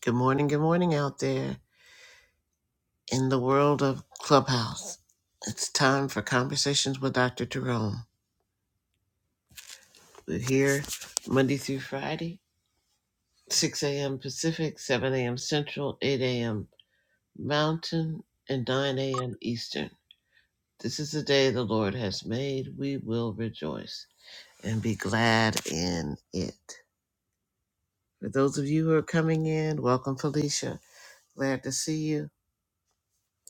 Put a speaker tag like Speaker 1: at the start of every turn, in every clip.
Speaker 1: Good morning, good morning out there in the world of Clubhouse. It's time for Conversations with Dr. Jerome. We're here Monday through Friday, 6 a.m. Pacific, 7 a.m. Central, 8 a.m. Mountain, and 9 a.m. Eastern. This is the day the Lord has made. We will rejoice and be glad in it. For those of you who are coming in, welcome, Felicia. Glad to see you.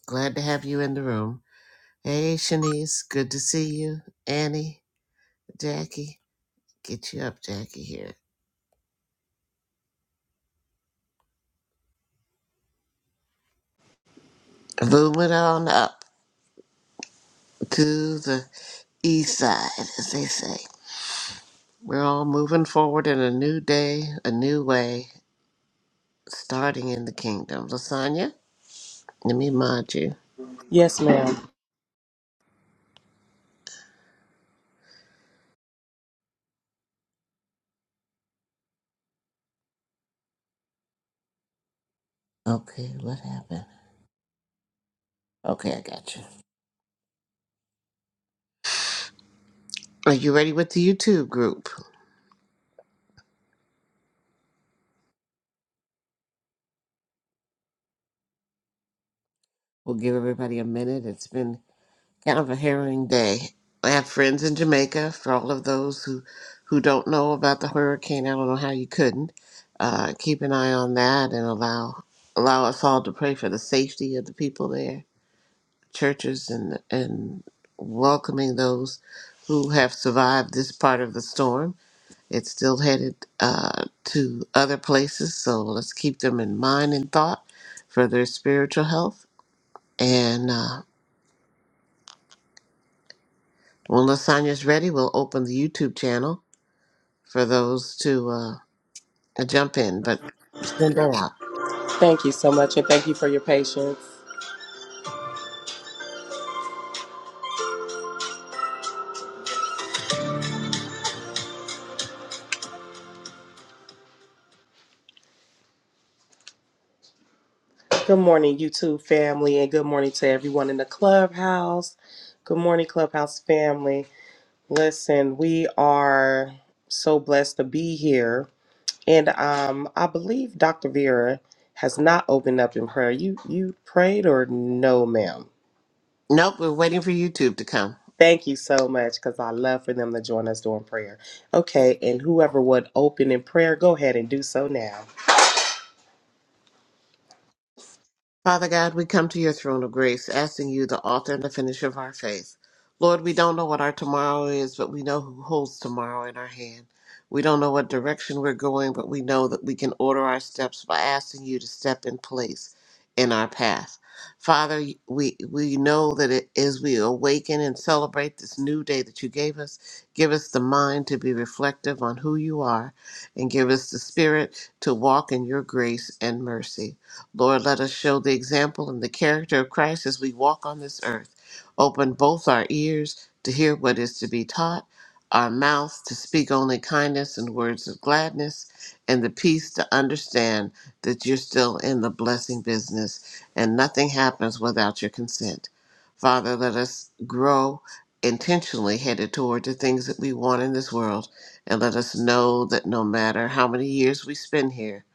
Speaker 1: Glad to have you in the room. Hey, Shanice, good to see you. Annie, Jackie, get you up, Jackie, here. Moving on up to the east side, as they say. We're all moving forward in a new day, a new way, starting in the kingdom. Lasagna, let me mod you.
Speaker 2: Yes, ma'am.
Speaker 1: Okay, what happened? Okay, I got you. Are you ready with the YouTube group? We'll give everybody a minute. It's been kind of a harrowing day. I have friends in Jamaica. For all of those who who don't know about the hurricane, I don't know how you couldn't. Uh, keep an eye on that and allow allow us all to pray for the safety of the people there, churches, and and welcoming those who have survived this part of the storm. It's still headed uh, to other places, so let's keep them in mind and thought for their spiritual health and. Uh, When lasagna's ready, we'll open the YouTube channel for those to uh, jump in, but send that out.
Speaker 2: Thank you so much, and thank you for your patience. Good morning, YouTube family, and good morning to everyone in the clubhouse. Good morning, clubhouse family. Listen, we are so blessed to be here, and um, I believe Dr. Vera has not opened up in prayer. You you prayed or no, ma'am?
Speaker 1: Nope, we're waiting for YouTube to come.
Speaker 2: Thank you so much, because I love for them to join us during prayer. Okay, and whoever would open in prayer, go ahead and do so now.
Speaker 1: Father God, we come to your throne of grace, asking you, the author and the finisher of our faith. Lord, we don't know what our tomorrow is, but we know who holds tomorrow in our hand. We don't know what direction we're going, but we know that we can order our steps by asking you to step in place in our path. Father, we, we know that it, as we awaken and celebrate this new day that you gave us, give us the mind to be reflective on who you are and give us the spirit to walk in your grace and mercy. Lord, let us show the example and the character of Christ as we walk on this earth. Open both our ears to hear what is to be taught, our mouths to speak only kindness and words of gladness, and the peace to understand that you're still in the blessing business and nothing happens without your consent. Father, let us grow intentionally headed toward the things that we want in this world, and let us know that no matter how many years we spend here,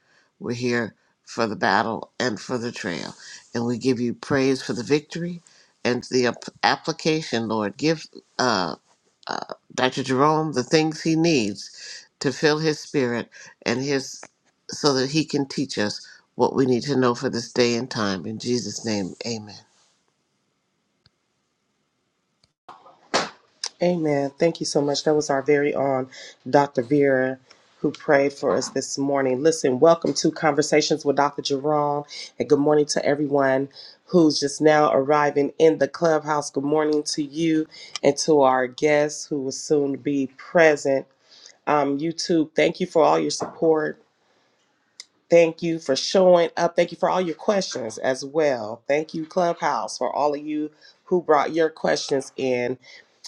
Speaker 1: we're here for the battle and for the trail. And we give you praise for the victory and the ap- application, Lord. Give uh, uh, Dr. Jerome the things he needs to fill his spirit and his so that he can teach us what we need to know for this day and time. In Jesus' name, amen.
Speaker 2: Amen. Thank you so much. That was our very own Dr. Vera who prayed for us this morning. Listen, welcome to Conversations with Dr. Jerome, and good morning to everyone who's just now arriving in the clubhouse. Good morning to you and to our guests who will soon be present. Um, YouTube, thank you for all your support. Thank you for showing up. Thank you for all your questions as well. Thank you, Clubhouse, for all of you who brought your questions in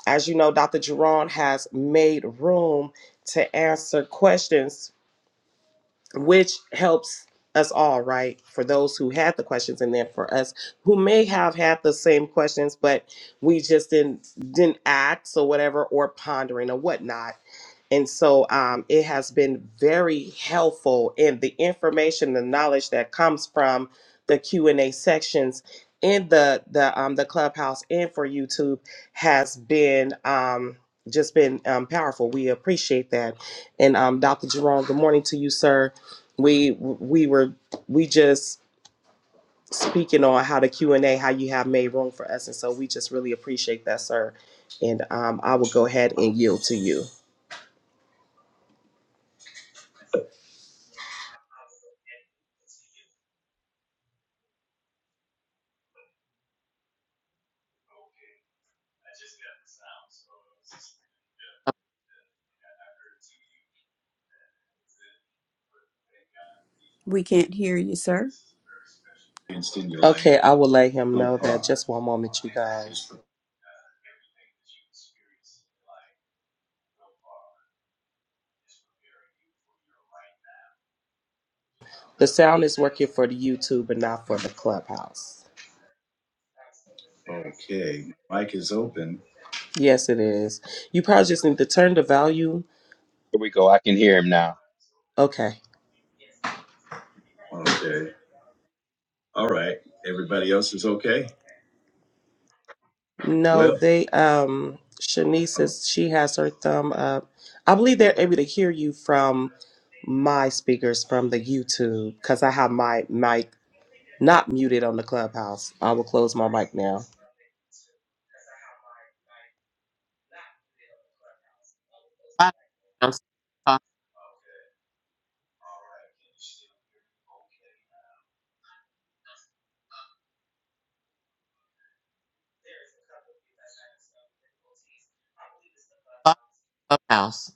Speaker 2: as you know, Dr. Jerron has made room to answer questions, which helps us all, right? For those who had the questions, and then for us who may have had the same questions, but we just didn't didn't act or whatever, or pondering or whatnot. And so um, it has been very helpful and the information, the knowledge that comes from the Q and A sections in the the um, the clubhouse and for YouTube has been um, just been um, powerful. We appreciate that. And um, Dr. Jerome, good morning to you, sir. We we were we just speaking on how the Q and A, how you have made room for us, and so we just really appreciate that, sir. And um, I will go ahead and yield to you.
Speaker 3: We can't hear you, sir.
Speaker 2: Okay, I will let him know that. Just one moment, you guys. The sound is working for the YouTube but not for the clubhouse. Okay, mic is open. Yes, it is. You probably just need to turn the volume.
Speaker 4: Here we go. I can hear him now.
Speaker 2: Okay. Okay. All right. Everybody else is okay. No, Well- they. Um, Shanice is. She has her thumb up. I believe they're able to hear you from my speakers from the YouTube because I have my mic Not muted on the clubhouse. I will close my mic now.
Speaker 1: I'm sorry, uh, Clubhouse.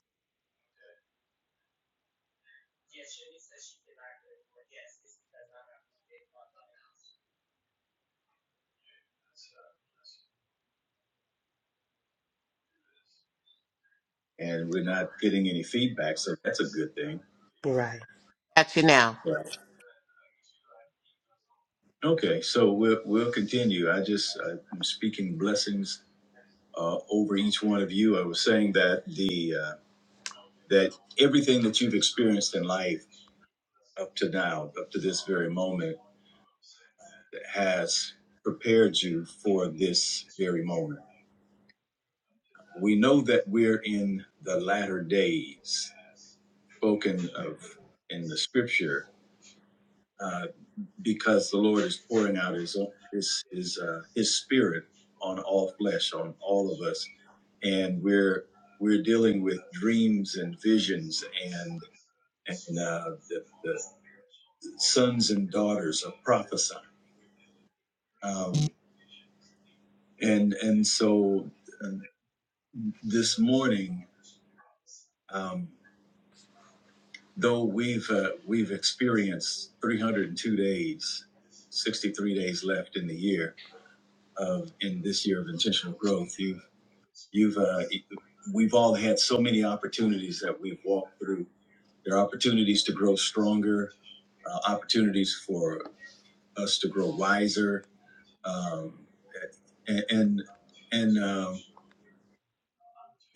Speaker 2: and we're not getting any feedback, so that's a good thing. Right.
Speaker 1: Got you now.
Speaker 2: Right. Okay, so we'll we'll continue. I just uh, I'm speaking blessings uh, over each one of you. I was saying that the uh, that everything that you've experienced in life up to now, up to this very moment, has prepared you for this very moment. We know that we're in the latter days, spoken of in the scripture uh, because the Lord is pouring out His His His, uh, His Spirit on all flesh, on all of us, and we're we're dealing with dreams and visions, and and uh, the, the sons and daughters are prophesying, um, and and so uh, this morning, um, though we've uh, we've experienced 302 days, 63 days left in the year of in this year of intentional growth, you've. You've uh, e, we've all had so many opportunities that we've walked through. There are opportunities to grow stronger, uh, opportunities for us to grow wiser, um, and and and, um,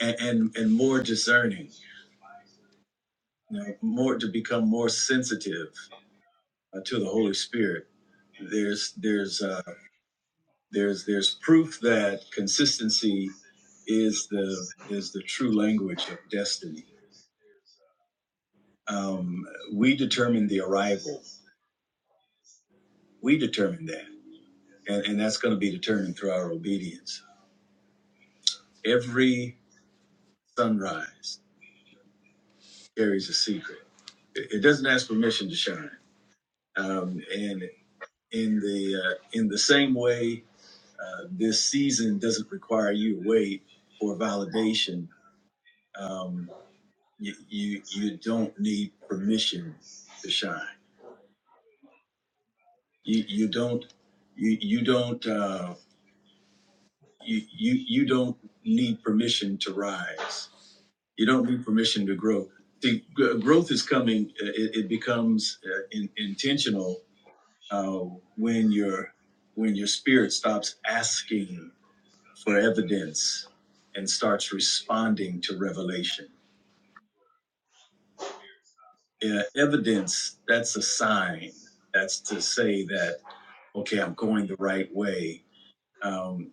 Speaker 2: and and and more discerning. You know, more to become more sensitive uh, to the Holy Spirit. There's there's uh, there's there's proof that consistency is the is the true language of destiny. Um, we determine the arrival We determine that. And, and that's going to be determined through our obedience. Every sunrise carries a secret. It, it doesn't ask permission to shine. Um, and in the uh, in the same way, uh, this season doesn't require you to wait for validation. Um, you, you you don't need permission to shine. You you don't you you don't uh, you, you you don't need permission to rise You don't need permission to grow. The gr- growth is coming. uh, It, it becomes uh, in, intentional uh, when your when your spirit stops asking for evidence and starts responding to revelation. Uh, evidence that's a sign. That's to say that okay, I'm going the right way. Um,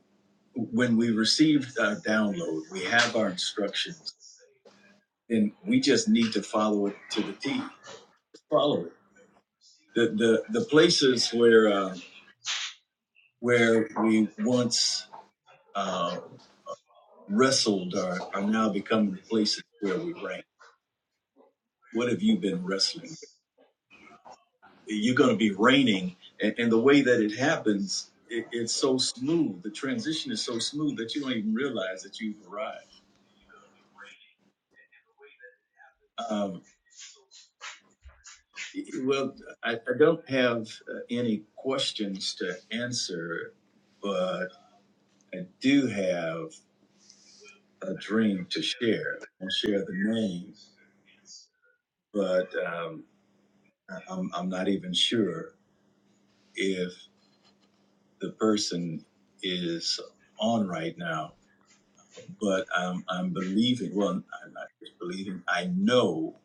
Speaker 2: when we received our download, we have our instructions, and we just need to follow it to the T. Follow it the the, the places where uh, where we once uh, wrestled are, are now becoming the places where we reign. What have you been wrestling? with? You're going to be reigning, and, and the way that it happens, it, it's so smooth. The transition is so smooth that you don't even realize that you've arrived. Um, well, I, I don't have uh, any questions to answer, but I do have a dream to share. I'll share the name but um, I- am I'm not even sure if the person is on right now. But I'm, I'm believing, well, I'm not just believing, I know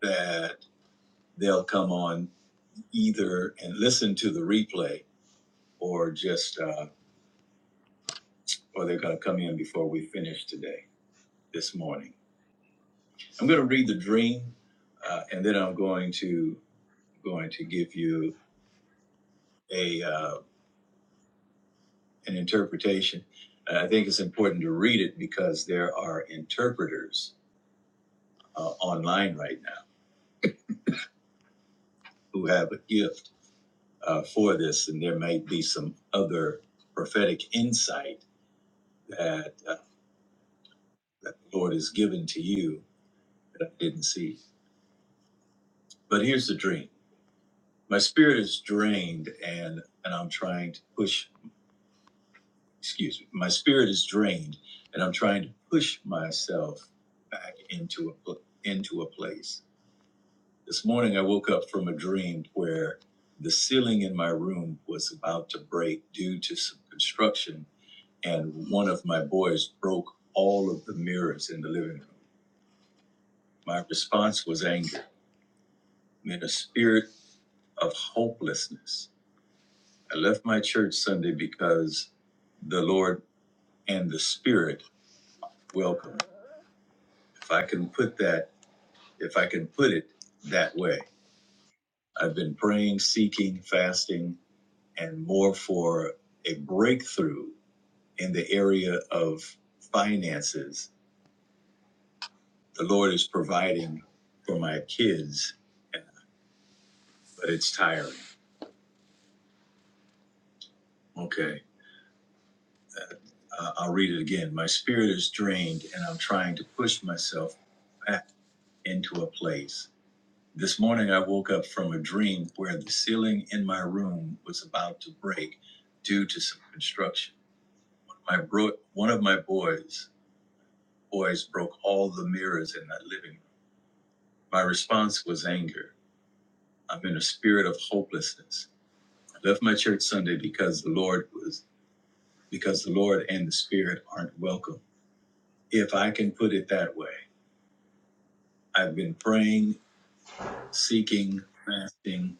Speaker 2: that they'll come on either and listen to the replay or just, uh, or they're going to come in before we finish today, this morning. I'm going to read the dream uh, and then I'm going to, going to give you a, uh, an interpretation. Uh, I think it's important to read it because there are interpreters uh, online right now who have a gift uh, for this, and there might be some other prophetic insight that, uh, that the Lord has given to you that I didn't see. But here's the dream my spirit is drained, and, and I'm trying to push, excuse me, my spirit is drained, and I'm trying to push myself back into a, into a place This morning, I woke up from a dream where the ceiling in my room was about to break due to some construction, and one of my boys broke all of the mirrors in the living room. My response was anger, in a spirit of hopelessness. I left my church Sunday because the Lord and the Spirit welcome. If I can put that, if I can put it that way, I've been praying, seeking, fasting, and more for a breakthrough in the area of finances. The Lord is providing for my kids, but it's tiring. Okay. Uh, I'll read it again. My spirit is drained and I'm trying to push myself back into a place. This morning I woke up from a dream where the ceiling in my room was about to break due to some construction. One of my, bro- one of my boys, boys broke all the mirrors in my living room. My response was anger. I'm in a spirit of hopelessness. I left my church Sunday because the Lord was because the Lord and the Spirit aren't welcome. If I can put it that way, I've been praying, seeking, fasting,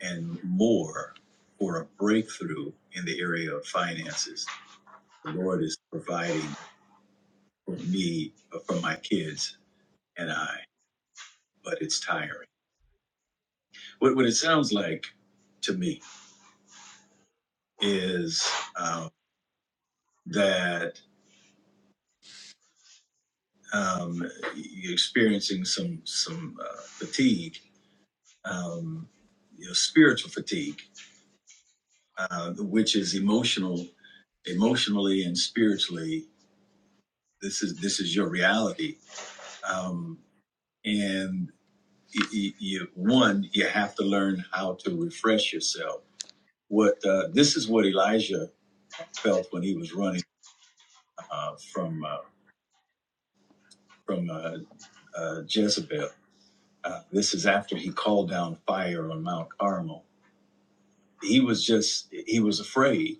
Speaker 2: and more for a breakthrough in the area of finances. The Lord is providing for me, for my kids and I, but it's tiring. What, what it sounds like to me is um, that um, you're experiencing some some uh, fatigue um, you know, spiritual fatigue, uh, which is emotional, emotionally and spiritually. This is this is your reality, um, and y you, one you have to learn how to refresh yourself. What uh, this is what Elijah felt when he was running uh, from uh, from uh, uh, Jezebel. Uh, this is after he called down fire on Mount Carmel. He was just he was afraid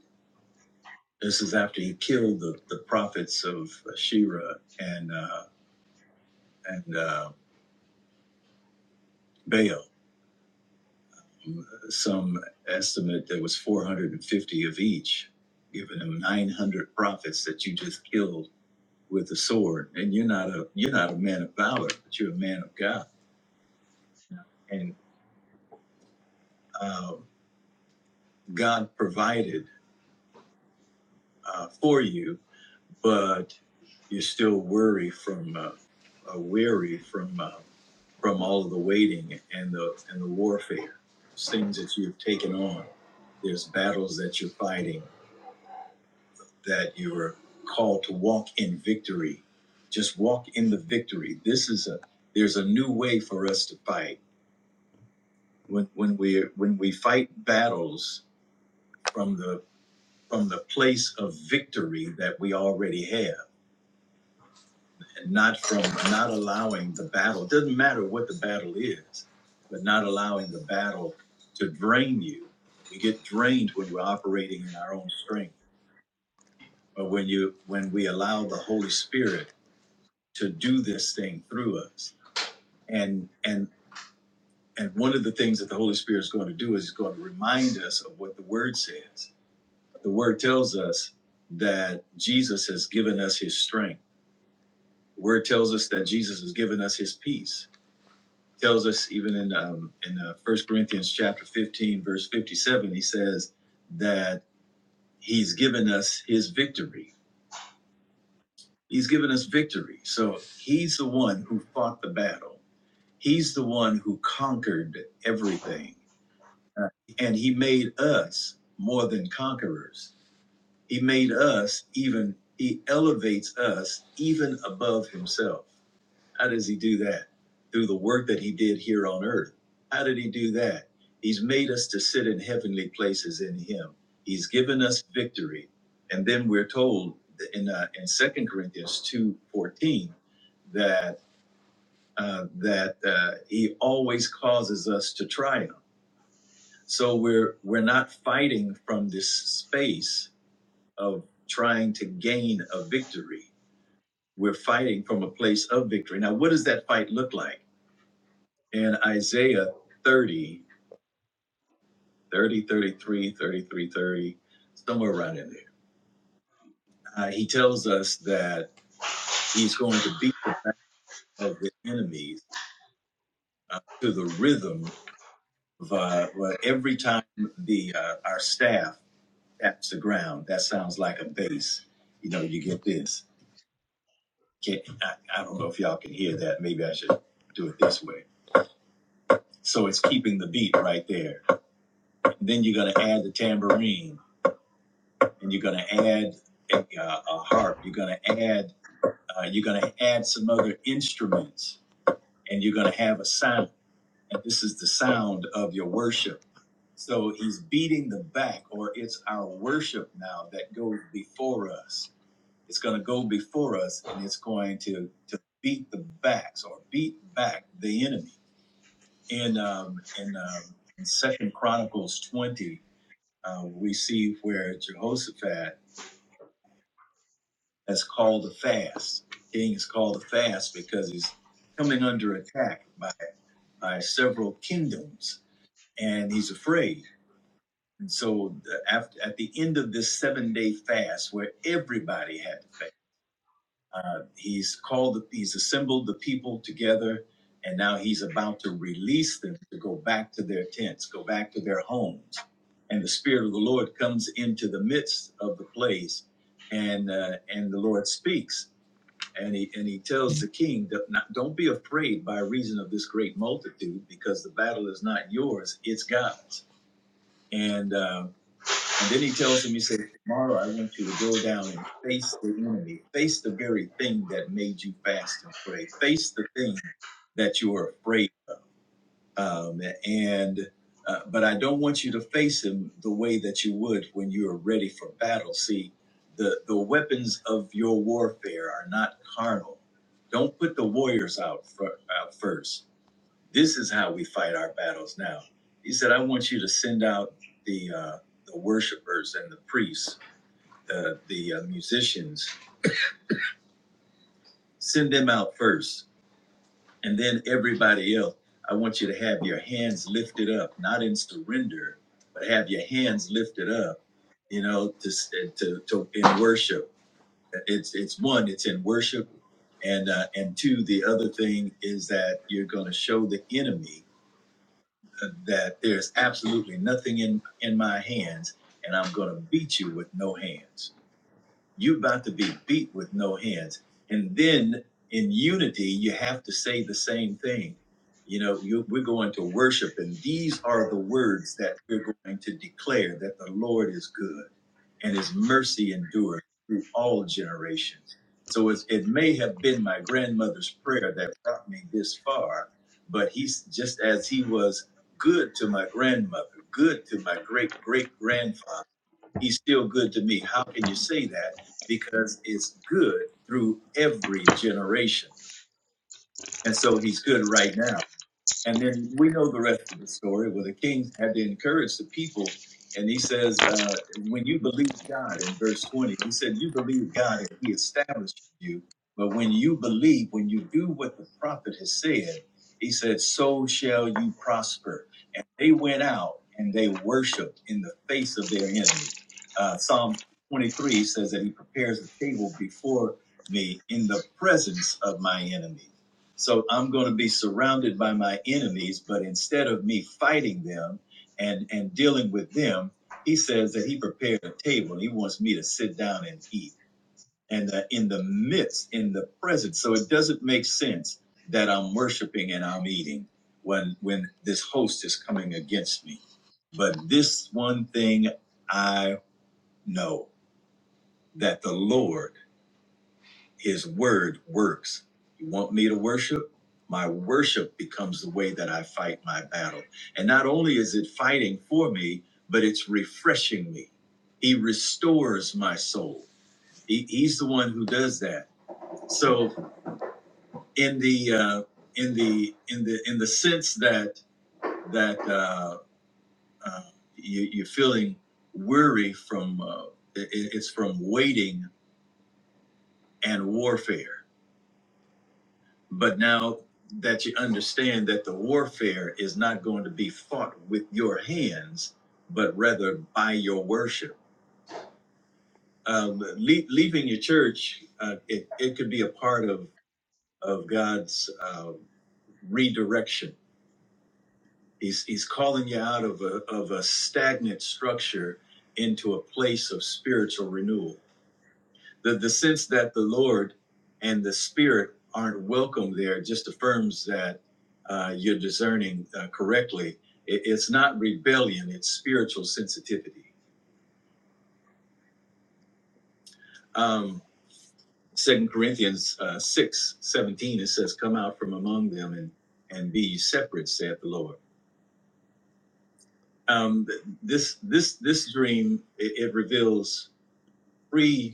Speaker 2: This is after he killed the, the prophets of Shira and uh, and uh, Baal. Some estimate there was 450 of each, giving him 900 prophets that you just killed with a sword. And you're not a you're not a man of valor, but you're a man of God, and uh, God provided uh, for you but you're still worry from uh, uh, weary from uh, from all of the waiting and the and the warfare, things that you've taken on. There's battles that you're fighting that you're called to walk in victory. Just walk in the victory. This is a there's a new way for us to fight when when we when we fight battles from the from the place of victory that we already have not from not allowing the battle. It doesn't matter what the battle is, but not allowing the battle to drain you. We get drained when we're operating in our own strength, but when you when we allow the Holy Spirit to do this thing through us, and and and one of the things that the Holy Spirit is going to do is he's going to remind us of what the Word says. The Word tells us that Jesus has given us His strength. The Word tells us that Jesus has given us His peace tells us even in um, in uh, First Corinthians chapter fifteen, verse fifty-seven, he says that he's given us his victory. He's given us victory. So he's the one who fought the battle. He's the one who conquered everything, Uh, and he made us more than conquerors. He made us even. He elevates us even above himself. How does he do that? Through the work that he did here on earth. How did he do that? He's made us to sit in heavenly places in him. He's given us victory. And then we're told in uh, in Second Corinthians 2:14 that uh, that uh, he always causes us to triumph. So we're we're not fighting from this space of trying to gain a victory. We're fighting from a place of victory. Now, what does that fight look like? And Isaiah 30, 30, 33, 33, 30, somewhere around in there. Uh, he tells us that he's going to beat the back of the enemies uh, to the rhythm of uh, well, every time the uh, our staff taps the ground. That sounds like a bass. You know, you get this. Can, I, I don't know if y'all can hear that. Maybe I should do it this way. So it's keeping the beat right there. And then you're going to add the tambourine and you're going to add a, uh, a harp. You're going to add uh, you're going to add some other instruments, and you're going to have a sound. And this is the sound of your worship. So he's beating the back, or it's our worship now that goes before us. It's going to go before us, and it's going to to beat the backs or beat back the enemy. In um, in, um, in Second Chronicles twenty, uh, we see where Jehoshaphat That's called a fast. King is called a fast because he's coming under attack by, by several kingdoms and he's afraid. And so uh, after, at the end of this seven day fast where everybody had to fast, uh, he's called, he's assembled the people together and now he's about to release them to go back to their tents, go back to their homes. And the Spirit of the Lord comes into the midst of the place and, uh, and the Lord speaks and he, and he tells the king, "Do not- Don't be afraid by reason of this great multitude, because the battle is not yours, it's God's. And, uh, and then he tells him, He says, Tomorrow I want you to go down and face the enemy, face the very thing that made you fast and pray, face the thing that you are afraid um, and uh, but I don't want you to face him the way that you would when you are ready for battle. See, the the weapons of your warfare are not carnal. Don't put the warriors out, fir- out first. This is how we fight our battles now. He said, "I want you to send out the uh, the worshipers and the priests, the the uh, musicians. Send them out first And then everybody else, I want you to have your hands lifted up, not in surrender, but have your hands lifted up, you know, to to, to in worship. It's it's one, it's in worship, and uh, and two, the other thing is that you're going to show the enemy uh, that there's absolutely nothing in in my hands, and I'm going to beat you with no hands. You're about to be beat with no hands. And then in unity, you have to say the same thing. You know, you, we're going to worship, and these are the words that we're going to declare that the Lord is good and his mercy endures through all generations. So it's, it may have been my grandmother's prayer that brought me this far, but he's just as he was good to my grandmother, good to my great great grandfather he's still good to me. How can you say that? Because it's good through every generation. And so he's good right now. And then we know the rest of the story where the king had to encourage the people. And he says, uh, when you believe God in verse 20, he said, you believe God and he established you. But when you believe, when you do what the prophet has said, he said, so shall you prosper. And they went out and they worshiped in the face of their enemy. Uh, Psalm 23 says that he prepares a table before me in the presence of my enemy. So I'm going to be surrounded by my enemies, but instead of me fighting them and and dealing with them, he says that he prepared a table. He wants me to sit down and eat. And uh, in the midst, in the presence. So it doesn't make sense that I'm worshiping and I'm eating when when this host is coming against me. But this one thing I know that the Lord his word works. You want me to worship? My worship becomes the way that I fight my battle. And not only is it fighting for me, but it's refreshing me. He restores my soul. He, he's the one who does that. So in the uh, in the in the in the sense that that uh, uh, you, you're feeling weary from uh, it, it's from waiting and warfare. But now that you understand that the warfare is not going to be fought with your hands, but rather by your worship. Um, le- leaving your church, uh, it, it could be a part of, of God's uh, redirection. He's, he's calling you out of a, of a stagnant structure into a place of spiritual renewal the the sense that the Lord and the Spirit aren't welcome there just affirms that uh, you're discerning uh, correctly. It, it's not rebellion; it's spiritual sensitivity. Um, Second Corinthians uh, six seventeen it says, "Come out from among them and and be separate," saith the Lord. Um, this this this dream it, it reveals three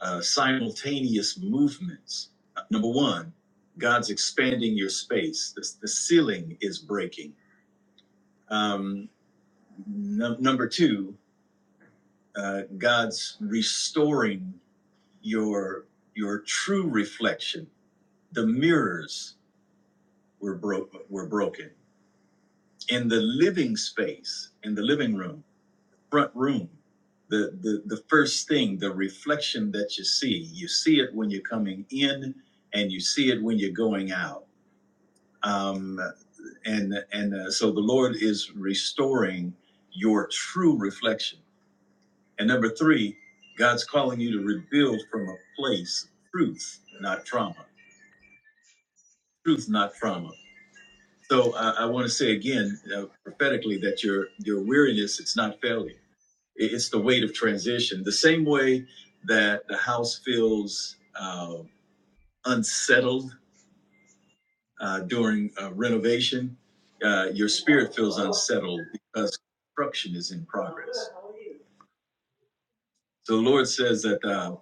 Speaker 2: uh, simultaneous movements. Uh, Number one, God's expanding your space. The, the ceiling is breaking. Um, num- number two, uh, God's restoring your your true reflection. The mirrors were broke were broken in the living space in the living room front room. The, the the first thing, the reflection that you see, you see it when you're coming in, and you see it when you're going out. Um, and and uh, so the Lord is restoring your true reflection. And number three, God's calling you to rebuild from a place of truth, not trauma. Truth, not trauma. So I I want to say again, uh, prophetically, that your your weariness it's not failure It's the weight of transition. The same way that the house feels uh, unsettled uh, during uh, renovation, uh, your spirit feels unsettled because construction is in progress. So the Lord says that uh,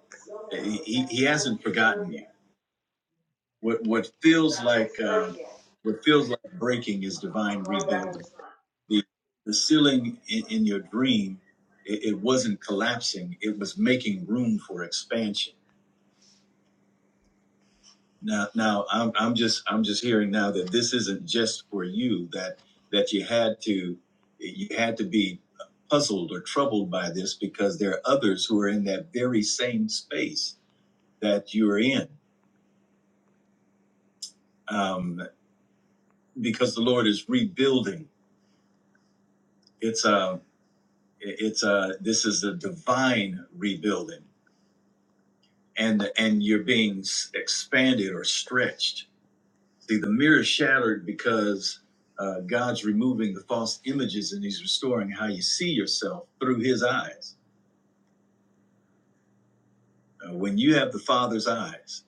Speaker 2: he, he He hasn't forgotten you. What what feels like uh, what feels like breaking is divine rebuilding. The the ceiling in, in your dream, it, it wasn't collapsing; it was making room for expansion Now, now I'm, I'm just I'm just hearing now that this isn't just for you that that you had to you had to be puzzled or troubled by this because there are others who are in that very same space that you're in um, because the Lord is rebuilding. It's a it's a this is a divine rebuilding and and you're being s- expanded or stretched See, the mirror is shattered because uh, God's removing the false images and He's restoring how you see yourself through His eyes. Uh, when you have the Father's eyes,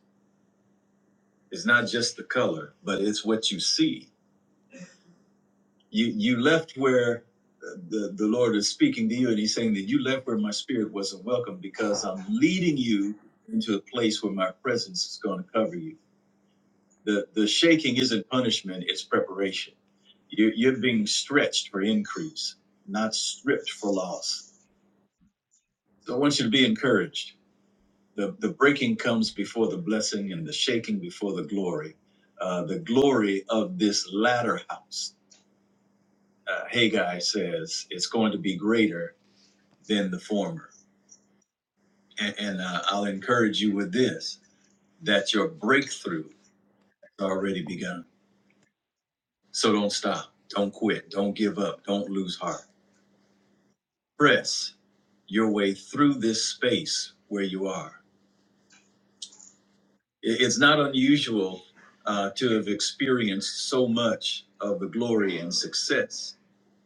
Speaker 2: it's not just the color, but it's what you see. You you left where uh, the, the Lord is speaking to you, and He's saying that you left where my spirit wasn't welcome because I'm leading you into a place where my presence is going to cover you. The the shaking isn't punishment; it's preparation. You, you're being stretched for increase, not stripped for loss. So I want you to be encouraged. The the breaking comes before the blessing, and the shaking before the glory. Uh, the glory of this latter house, uh, Haggai says, it's going to be greater than the former. And, and uh, I'll encourage you with this: that your breakthrough has already begun. So don't stop. Don't quit. Don't give up. Don't lose heart. Press your way through this space where you are. I- It's not unusual uh, to have experienced so much of the glory and success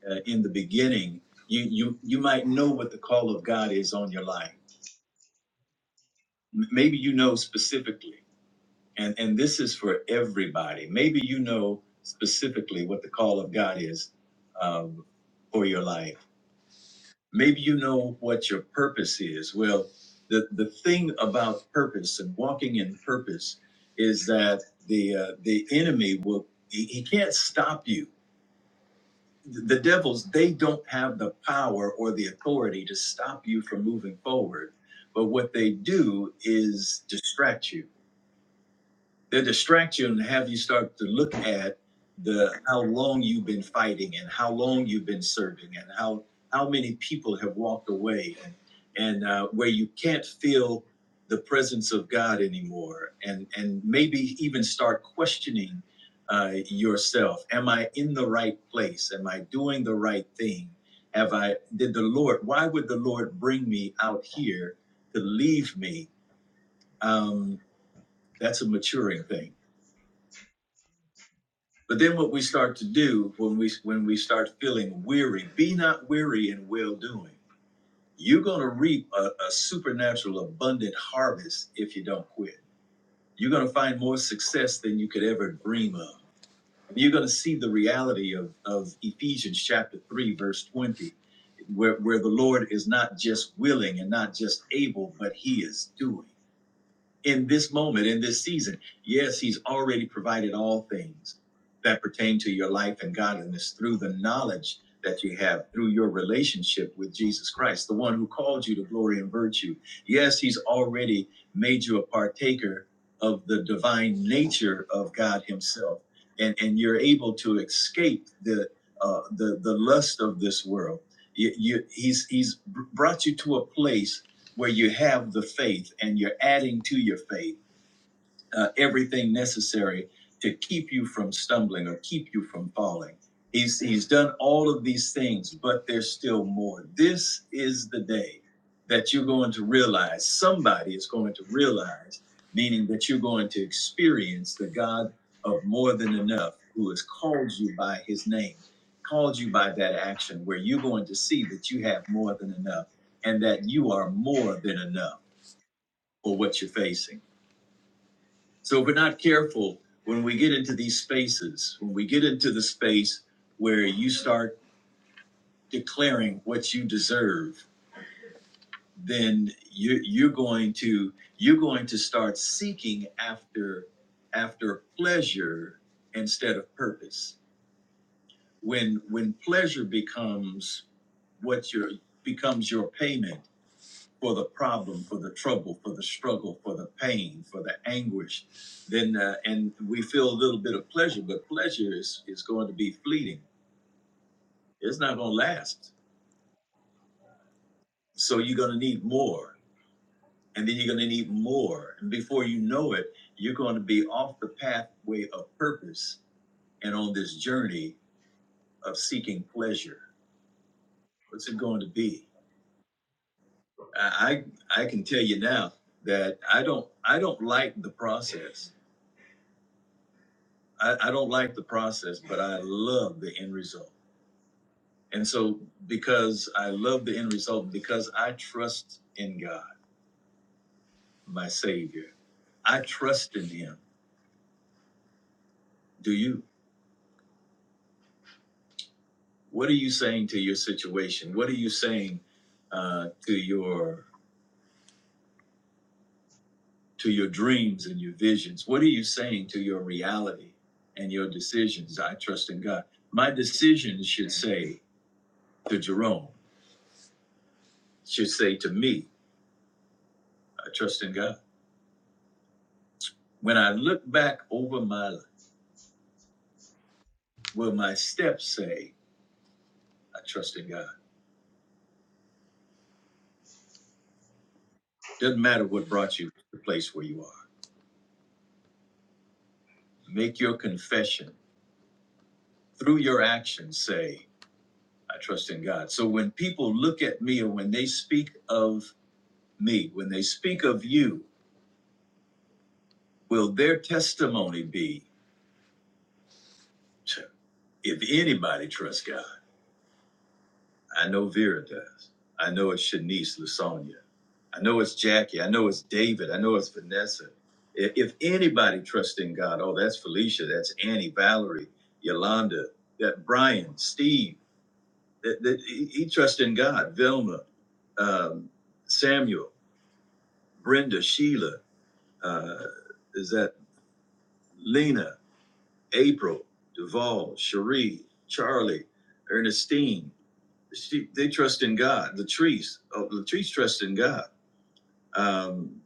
Speaker 2: uh, in the beginning. You, you, you might know what the call of God is on your life. M- Maybe you know specifically, and, and this is for everybody. Maybe you know specifically what the call of God is um, for your life maybe you know what your purpose is well the the thing about purpose and walking in purpose is that the uh, the enemy will he, he can't stop you the devils they don't have the power or the authority to stop you from moving forward but what they do is distract you they distract you and have you start to look at the how long you've been fighting and how long you've been serving and how how many people have walked away and and uh, where you can't feel the presence of God anymore and and maybe even start questioning uh, yourself am I in the right place am I doing the right thing have I did the Lord why would the Lord bring me out here to leave me um, that's a maturing thing But then what we start to do when we when we start feeling weary, be not weary in well doing. You're gonna reap a, a supernatural abundant harvest if you don't quit. You're gonna find more success than you could ever dream of. And you're gonna see the reality of, of Ephesians chapter three, verse twenty, where, where the Lord is not just willing and not just able, but he is doing in this moment, in this season. Yes, He's already provided all things that pertain to your life and godliness through the knowledge that you have through your relationship with Jesus Christ, the one who called you to glory and virtue. Yes, He's already made you a partaker of the divine nature of God Himself. And, and you're able to escape the, uh, the, the lust of this world. You, you, he's, he's brought you to a place where you have the faith and you're adding to your faith uh, everything necessary to keep you from stumbling or keep you from falling. He's, he's done all of these things, but there's still more. This is the day that you're going to realize, somebody is going to realize, meaning that you're going to experience the God of more than enough who has called you by his name, called you by that action, where you're going to see that you have more than enough and that you are more than enough for what you're facing. So if we're not careful, when we get into these spaces, when we get into the space where you start declaring what you deserve, then you, you're going to you're going to start seeking after after pleasure instead of purpose. When when pleasure becomes what your becomes your payment for the problem, for the trouble, for the struggle, for the pain, for the anguish, then uh, and we feel a little bit of pleasure, but pleasure is is going to be fleeting. It's not going to last. So you're going to need more, and then you're going to need more, and before you know it, you're going to be off the pathway of purpose and on this journey of seeking pleasure. What's it going to be? I I I can tell you now that I don't I don't like the process. I, I don't like the process, but I love the end result. And so, because I love the end result, because I trust in God, my Savior, I trust in Him. Do you? What are you saying to your situation? What are you saying uh, to your to your dreams and your visions? What are you saying to your reality and your decisions? I trust in God. My decisions should say to Jerome, should say to me, I trust in God. When I look back over my life, will my steps say, I trust in God? Doesn't matter what brought you to the place where you are. Make your confession through your actions, say, I trust in God. So when people look at me or when they speak of me, when they speak of you, will their testimony be, if anybody trusts God? I know Vera does. I know it's Shanice, Lasonia. I know it's Jackie. I know it's David. I know it's Vanessa. If, if anybody trusts in God, oh, that's Felicia. That's Annie, Valerie, Yolanda, that Brian, Steve. That, that he, he trusts in God. Vilma, um, Samuel, Brenda, Sheila. Uh, is that Lena, April, Duvall, Cherie, Charlie, Ernestine? She, they trust in God. Latrice, oh, Latrice trusts in God um,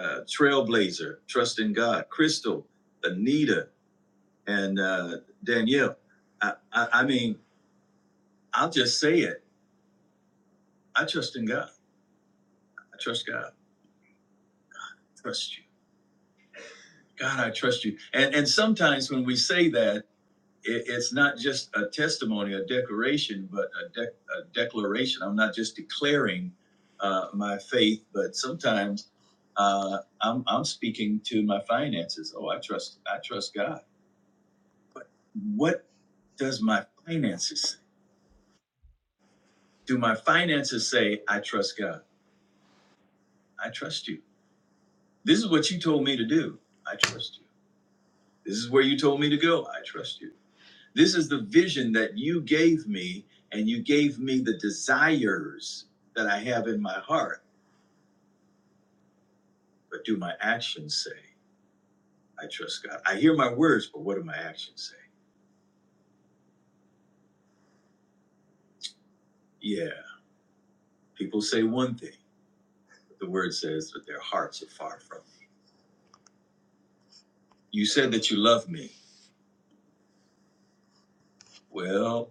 Speaker 2: uh, Trailblazer, Trust in God, Crystal, Anita, and uh, Danielle. I, I, I mean, I'll just say it. I trust in God. I trust God. I trust you. God, I trust you. And and sometimes when we say that, it, it's not just a testimony, a declaration, but a, dec a declaration. I'm not just declaring uh, my faith, but sometimes uh, I'm I'm speaking to my finances. Oh, I trust I trust God. But what does my finances say? Do my finances say, I trust God? I trust you. This is what you told me to do. I trust you. This is where you told me to go. I trust you. This is the vision that you gave me, and you gave me the desires that I have in my heart. But do my actions say, I trust God? I hear my words, but what do my actions say? Yeah, people say one thing, but the word says that their hearts are far from me. You said that you love me. Well,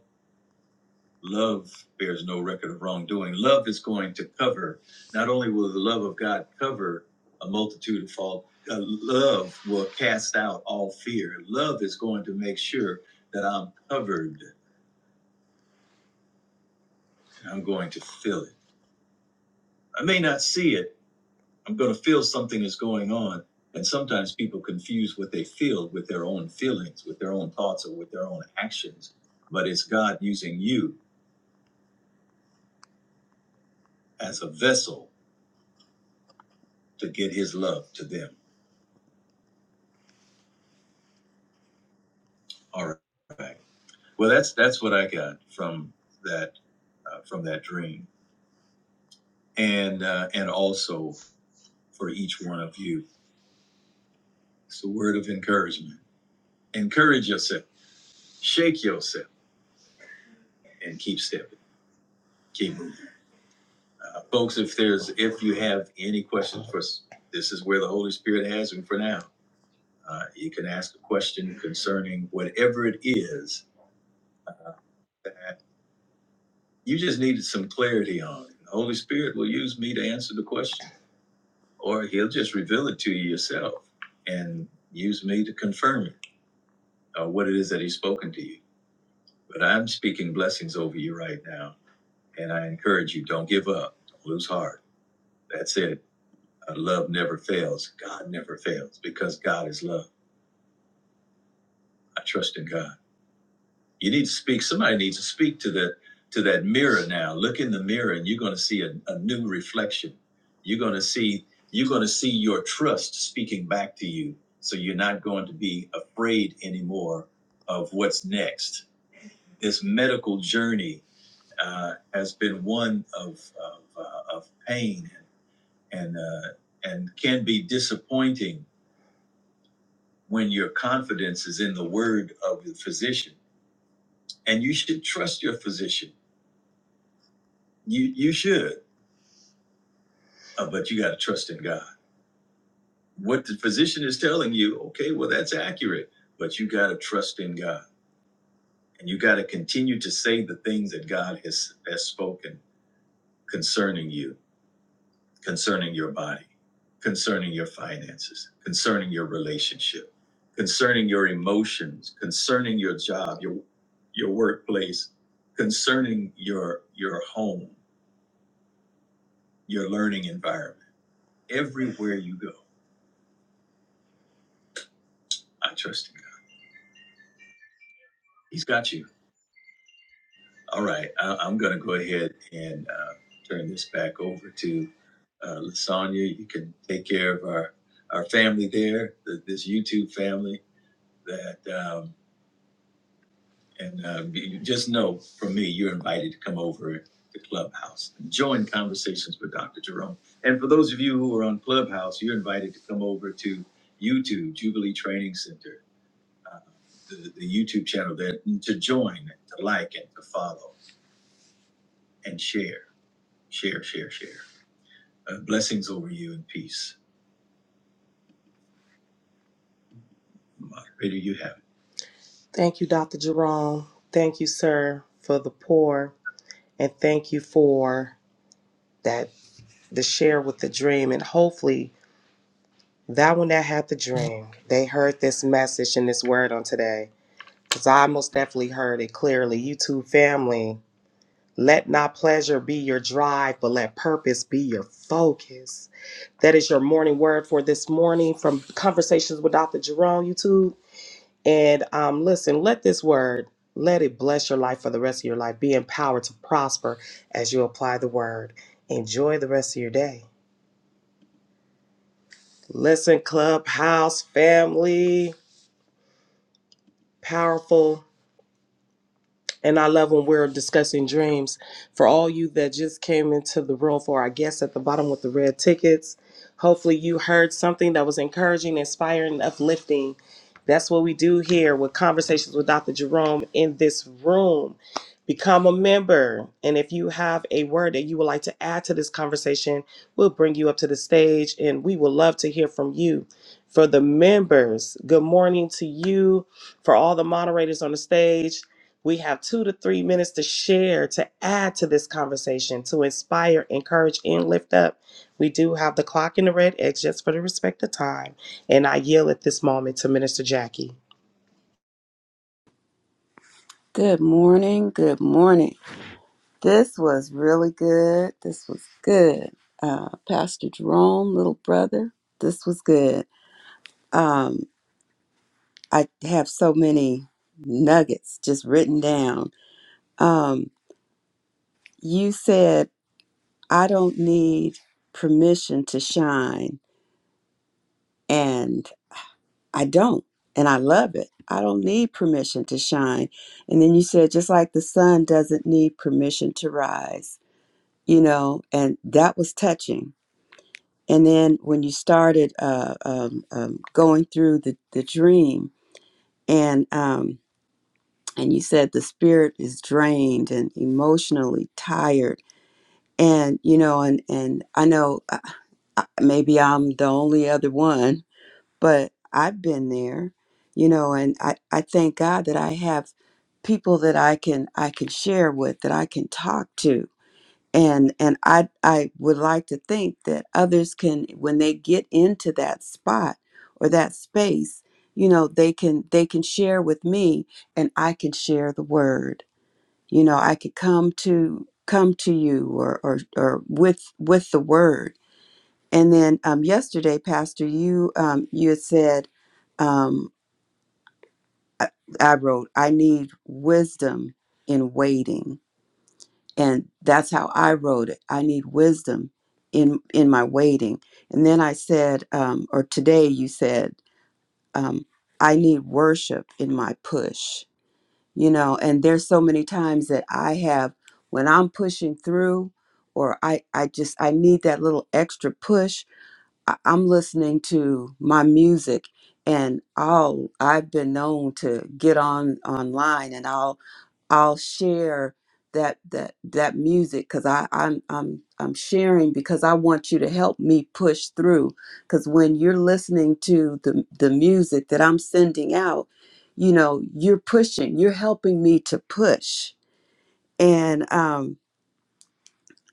Speaker 2: Love bears no record of wrongdoing. Love is going to cover. Not only will the love of God cover a multitude of fault, uh, love will cast out all fear. Love is going to make sure that I'm covered. I'm going to feel it. I may not see it. I'm going to feel something is going on. And sometimes people confuse what they feel with their own feelings, with their own thoughts, or with their own actions. But it's God using you as a vessel to get his love to them. All right. Well, that's that's what I got from that uh, from that dream, and uh, and also for each one of you, it's a word of encouragement. Encourage yourself, shake yourself, and keep stepping, keep moving, uh, folks. If there's if you have any questions for us, this is where the Holy Spirit has them for now. Uh, you can ask a question concerning whatever it is that you just needed some clarity on. The Holy Spirit will use me to answer the question or he'll just reveal it to you yourself and use me to confirm it, uh, what it is that he's spoken to you. But I'm speaking blessings over you right now, and I encourage you don't give up, don't lose heart. That's it. Uh, love never fails. God never fails because God is love. I trust in God. You need to speak. Somebody needs to speak to that to that mirror now. Look in the mirror, and you're going to see a, a new reflection. You're going to see you're going to see your trust speaking back to you. So you're not going to be afraid anymore of what's next. This medical journey uh, has been one of of, uh, of pain and uh, and can be disappointing when your confidence is in the word of the physician. And you should trust your physician You you should, uh, but you got to trust in God. What the physician is telling you, okay, well that's accurate, but you got to trust in God, and you got to continue to say the things that God has has spoken concerning you, concerning your body, concerning your finances, concerning your relationship, concerning your emotions, concerning your job, your your workplace, concerning your your home, your learning environment. Everywhere you go, I trust in God. He's got you. All right, I, I'm going to go ahead and uh, turn this back over to uh, Lasagna. You can take care of our, our family there, the, this YouTube family. That um, and uh, you just know from me, you're invited to come over to Clubhouse and join conversations with Dr. Jerome. And for those of you who are on Clubhouse, you're invited to come over to YouTube Jubilee Training Center, uh, the, the YouTube channel, there to join, to like, and to follow and share. Share, share, share. Uh, blessings over you and peace. Moderator, you have it. Thank you, Dr. Jerome. Thank you, sir, for the pour. And thank you for that, the share with the dream. And hopefully, that one that had the dream, they heard this message and this word on today. Because I most definitely heard it clearly. You two family, let not pleasure be your drive, but let purpose be your focus. That is your morning word for this morning from Conversations with Dr. Jerome, YouTube. And um, listen, let this word, let it bless your life for the rest of your life. Be empowered to prosper as you apply the word. Enjoy the rest of your day. Listen, clubhouse family, powerful And I love when we're discussing dreams. For all you that just came into the room, for our guests at the bottom with the red tickets, hopefully you heard something that was encouraging, inspiring, and uplifting. That's what we do here with Conversations with Dr. Jerome in this room. Become a member. And if you have a word that you would like to add to this conversation, we'll bring you up to the stage and we would love to hear from you. For the members, good morning to you. For all the moderators on the stage, we have two to three minutes to share, to add to this conversation, to inspire, encourage, and lift up. We do have the clock in the red X just for the respect of time. And I yield at this moment to Minister Jackie.
Speaker 3: Good morning. Good morning. This was really good. This was good. Uh, Pastor Jerome, little brother, this was good. Um, I have so many nuggets just written down. Um, you said, I don't need permission to shine, and I don't. And I love it. I don't need permission to shine. And then you said, just like the sun doesn't need permission to rise. you know, and that was touching. And then when you started uh, um, um, going through the, the dream, and um, and you said the spirit is drained and emotionally tired, and you know, and and I know uh, uh, maybe I'm the only other one, but I've been there, you know, and I, I thank God that I have people that I can I can share with that I can talk to and and i i would like to think that others can when they get into that spot or that space you know they can they can share with me and i can share the word you know i could come to come to you or or, or with with the word and then um yesterday pastor you um you had said um I, I wrote i need wisdom in waiting and that's how i wrote it i need wisdom in in my waiting and then i said um, or today you said um, i need worship in my push you know and there's so many times that i have when i'm pushing through or i i just i need that little extra push I, i'm listening to my music and i'll i've been known to get on online and i'll I'll share that that that music because I I'm I'm I'm sharing because I want you to help me push through because when you're listening to the the music that I'm sending out, you know you're pushing, you're helping me to push, and um,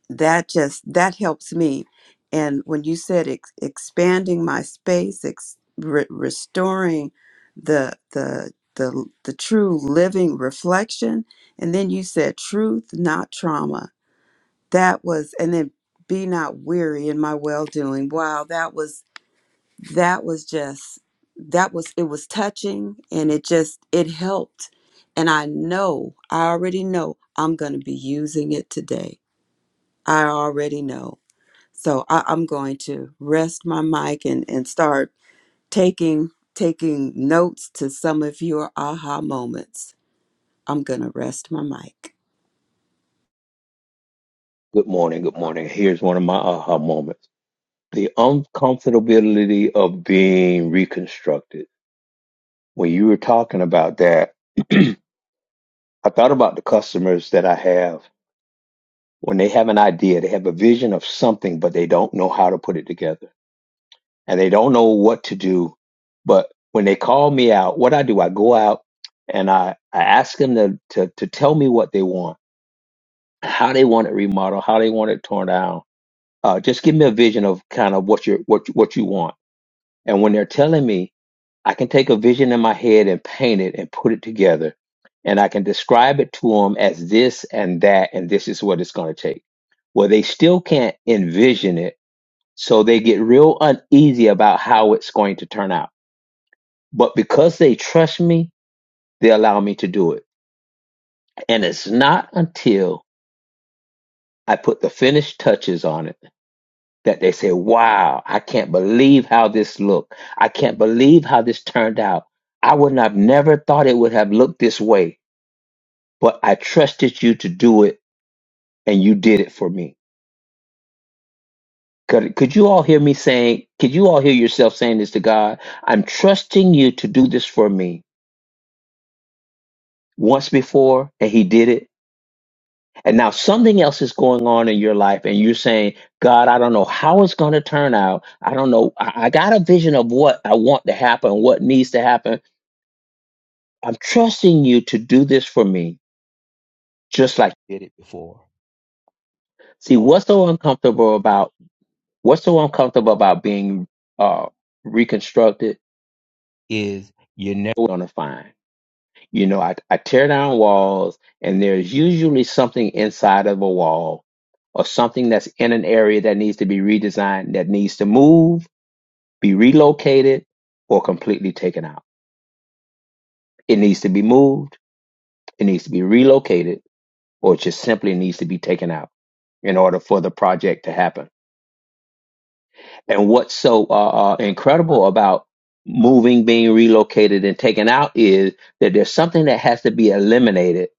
Speaker 3: that just that helps me and when you said ex- expanding my space ex- re- restoring the the the the true living reflection and then you said truth not trauma that was and then be not weary in my well doing wow that was that was just that was it was touching and it just it helped and i know i already know i'm going to be using it today i already know so I, I'm going to rest my mic and, and start taking taking notes to some of your aha moments. I'm gonna rest my mic.
Speaker 4: Good morning. Good morning. Here's one of my aha moments. The uncomfortability of being reconstructed. When you were talking about that, I thought about the customers that I have when they have an idea, they have a vision of something, but they don't know how to put it together and they don't know what to do. But when they call me out, what I do, I go out and I, I ask them to, to, to tell me what they want, how they want it remodeled, how they want it torn down Uh, just give me a vision of kind of what you what you- what you want. And when they're telling me, I can take a vision in my head and paint it and put it together, and I can describe it to them as this and that, and this is what it's going to take. Well, they still can't envision it, so they get real uneasy about how it's going to turn out. But because they trust me, they allow me to do it. And it's not until I put the finished touches on it that they say, wow, I can't believe how this looked. I can't believe how this turned out. I would not have never thought it would have looked this way, but I trusted you to do it and you did it for me. Could, could you all hear me saying, could you all hear yourself saying this to God? I'm trusting you to do this for me once before and he did it. And now something else is going on in your life and you're saying, God, I don't know how it's going to turn out. I don't know. I, I got a vision of what I want to happen, what needs to happen I'm trusting you to do this for me just like you did it before. See, what's so uncomfortable about what's so uncomfortable about being uh, reconstructed is you're never gonna find. You know, I, I tear down walls, and there's usually something inside of a wall or something that's in an area that needs to be redesigned, that needs to move, be relocated, or completely taken out. It needs to be moved, it needs to be relocated or it just simply needs to be taken out in order for the project to happen. And what's so uh, uh, incredible about moving, being relocated, and taken out is that there's something that has to be eliminated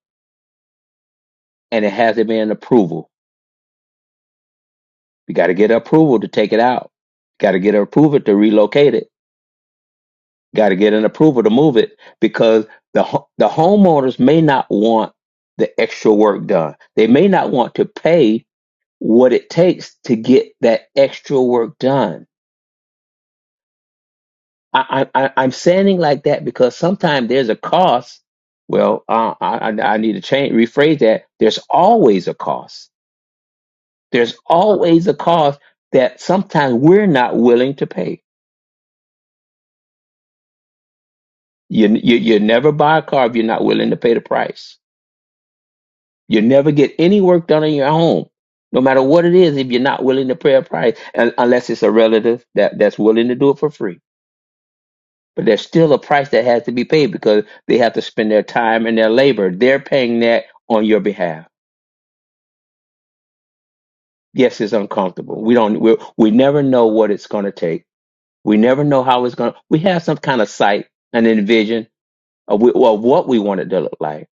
Speaker 4: and it has to be an approval. You got to get approval to take it out, got to get approval to relocate it, got to get an approval to move it because the, ho- the homeowners may not want the extra work done. They may not want to pay what it takes to get that extra work done I, I, I- I'm saying like that because sometimes there's a cost. Well, uh, I, I I need to change, rephrase that. There's always a cost. There's always a cost that sometimes we're not willing to pay. You, you, you never buy a car if you're not willing to pay the price. You never get any work done in your home, no matter what it is, if you're not willing to pay a price, un- unless it's a relative that, that's willing to do it for free. but there's still a price that has to be paid because they have to spend their time and their labor. They're paying that on your behalf. Yes, it's uncomfortable. We don't. We we never know what it's going to take. We never know how it's going. to We have some kind of sight and envision of, we, of what we want it to look like,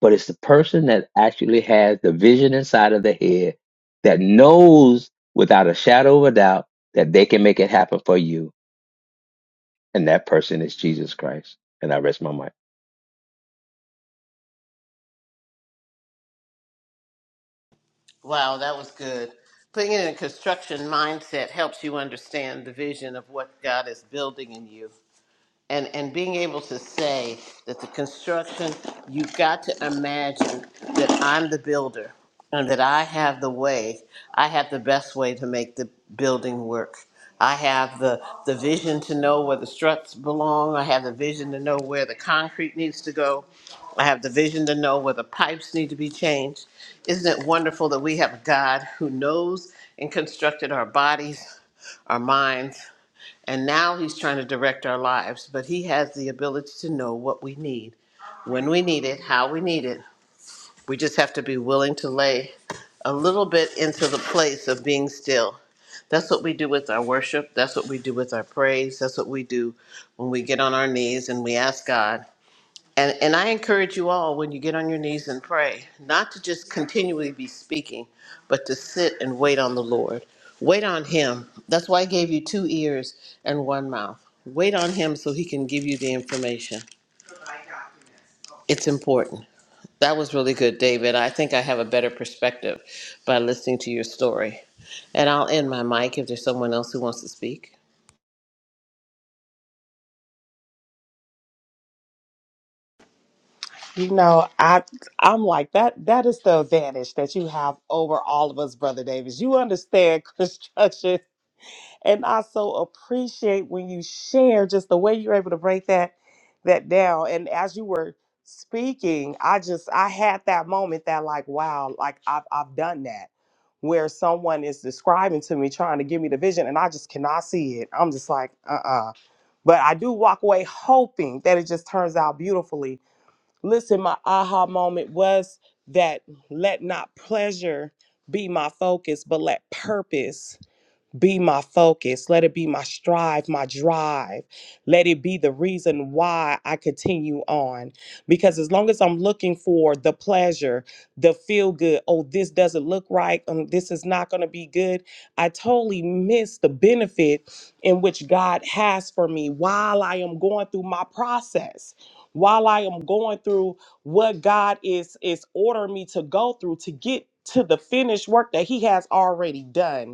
Speaker 4: but it's the person that actually has the vision inside of the head that knows without a shadow of a doubt that they can make it happen for you, and that person is Jesus Christ. And I rest my mind.
Speaker 1: Wow, that was good. Putting it in a construction mindset helps you understand the vision of what God is building in you. and and being able to say that the construction you've got to imagine that I'm the builder and that I have the way I have the best way to make the building work. I have the the vision to know where the struts belong. I have the vision to know where the concrete needs to go. I have the vision to know where the pipes need to be changed. Isn't it wonderful that we have a God who knows and constructed our bodies, our minds, and now he's trying to direct our lives, but he has the ability to know what we need, when we need it, how we need it. We just have to be willing to lay a little bit into the place of being still. That's what we do with our worship. That's what we do with our praise. That's what we do when we get on our knees and we ask God and, and I encourage you all when you get on your knees and pray, not to just continually be speaking, but to sit and wait on the Lord. Wait on Him. That's why I gave you two ears and one mouth. Wait on Him so He can give you the information. It's important. That was really good, David. I think I have a better perspective by listening to your story. And I'll end my mic if there's someone else who wants to speak.
Speaker 2: You know, I I'm like that that is the advantage that you have over all of us, Brother Davis. You understand construction And I so appreciate when you share just the way you're able to break that that down. And as you were speaking, I just I had that moment that like, wow, like I've I've done that where someone is describing to me trying to give me the vision and I just cannot see it. I'm just like, uh-uh. But I do walk away hoping that it just turns out beautifully. Listen, my aha moment was that let not pleasure be my focus, but let purpose be my focus. Let it be my strive, my drive. Let it be the reason why I continue on. Because as long as I'm looking for the pleasure, the feel good, oh, this doesn't look right, um, this is not going to be good, I totally miss the benefit in which God has for me while I am going through my process. While I am going through what God is is ordering me to go through to get to the finished work that He has already done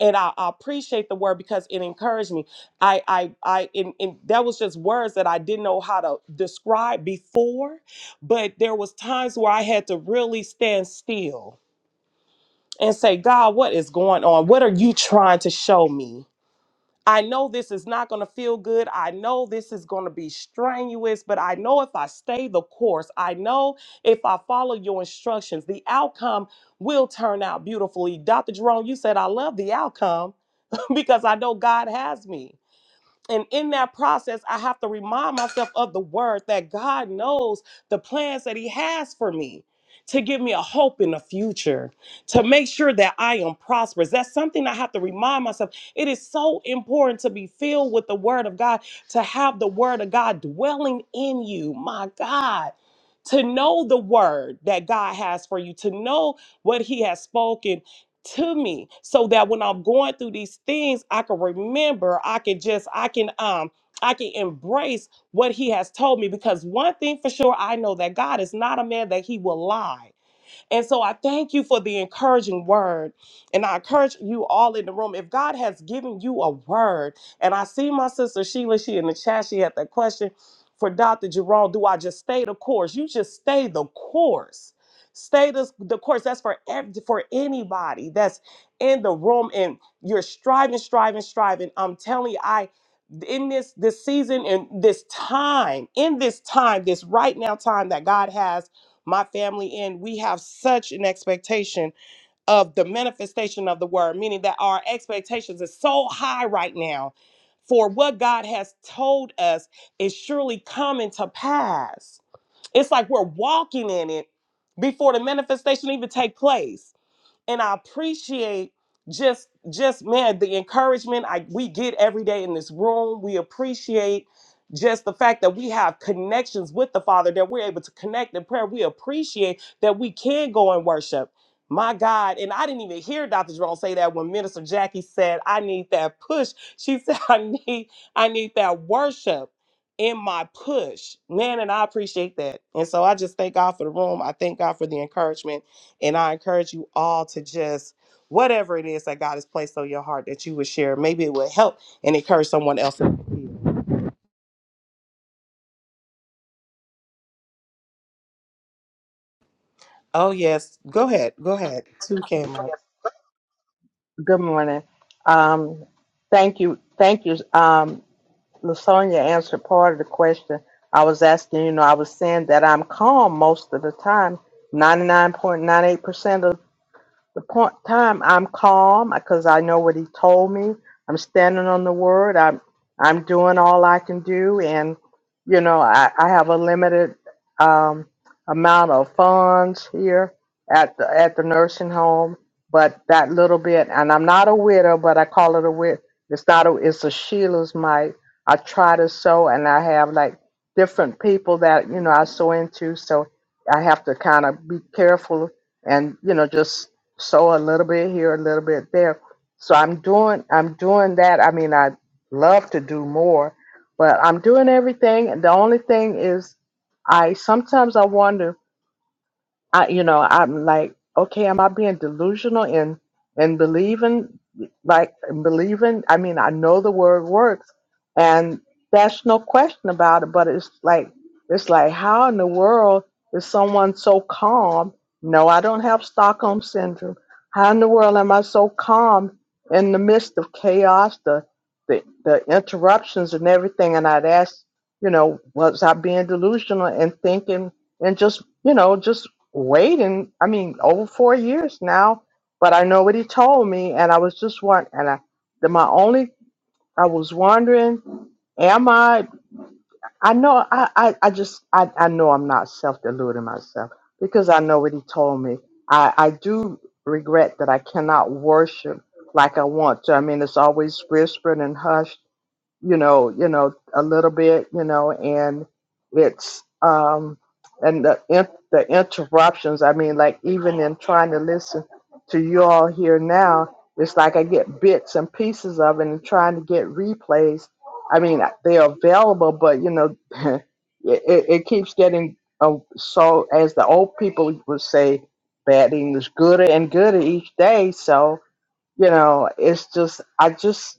Speaker 2: and I, I appreciate the word because it encouraged me. I, I, I, and, and that was just words that I didn't know how to describe before, but there was times where I had to really stand still and say, God, what is going on? What are you trying to show me? I know this is not going to feel good. I know this is going to be strenuous, but I know if I stay the course, I know if I follow your instructions, the outcome will turn out beautifully. Dr. Jerome, you said, I love the outcome because I know God has me. And in that process, I have to remind myself of the word that God knows the plans that He has for me to give me a hope in the future, to make sure that I am prosperous. That's something I have to remind myself. It is so important to be filled with the word of God, to have the word of God dwelling in you. My God. To know the word that God has for you, to know what He has spoken to me so that when I'm going through these things, I can remember, I can just, I can, um, I can embrace what he has told me because one thing for sure, I know that God is not a man that he will lie. And so I thank you for the encouraging word. And I encourage you all in the room. If God has given you a word, and I see my sister Sheila, she in the chat, she had that question for Dr. Jerome. Do I just stay the course? You just stay the course. Stay the, the course. That's for ev- for anybody that's in the room and you're striving, striving, striving. I'm telling you, I in this this season and this time, in this time, this right now time that God has my family in, we have such an expectation of the manifestation of the word, meaning that our expectations are so high right now for what God has told us is surely coming to pass. It's like we're walking in it before the manifestation even take place and I appreciate just just man the encouragement I we get every day in this room. We appreciate just the fact that we have connections with the Father that we're able to connect in prayer. We appreciate that we can go and worship. My God, and I didn't even hear Dr. Jerome say that when Minister Jackie said, "I need that push." She said, "I need I need that worship in my push." Man, and I appreciate that. And so I just thank God for the room. I thank God for the encouragement and I encourage you all to just whatever it is that God has placed on your heart that you would share. Maybe it would help and encourage someone else. Oh yes, go ahead, go ahead. Two came up,
Speaker 5: Good morning. Um, thank you. Thank you. Um, Lasonia answered part of the question I was asking. You know, I was saying that I'm calm most of the time, 99.98% the point time, I'm calm because I know what he told me. I'm standing on the word. I'm I'm doing all I can do, and you know I, I have a limited um, amount of funds here at the at the nursing home, but that little bit, and I'm not a widow, but I call it a widow. It's not a it's a Sheila's mite. I try to sew, and I have like different people that you know I sew into, so I have to kind of be careful and you know just sew a little bit here, a little bit there. So I'm doing I'm doing that. I mean, I love to do more, but I'm doing everything. The only thing is, I sometimes I wonder I, you know, I'm like, okay, am I being delusional in in believing, like in believing? I mean, I know the word works, and that's no question about it. But it's like, it's like, how in the world is someone so calm? No, I don't have Stockholm syndrome. How in the world am I so calm in the midst of chaos, the the, the interruptions and everything? And I'd ask, you know, was I being delusional and thinking? and just you know just waiting. I mean, over four years now. But I know what he told me, and I was just wondering. And I, the, my only, I was wondering, am I? I know, I, I, I just, I, I know I'm not self deluding myself because I know what he told me. I, I do regret that I cannot worship like I want to. I mean, it's always whispered and hushed you know, you know, a little bit, you know, and it's um and the in, the interruptions. I mean, like even in trying to listen to you all here now, it's like I get bits and pieces of it and trying to get replays. I mean, they're available, but you know, it, it, it keeps getting uh, so as the old people would say, bad English, gooder and gooder each day. So you know, it's just I just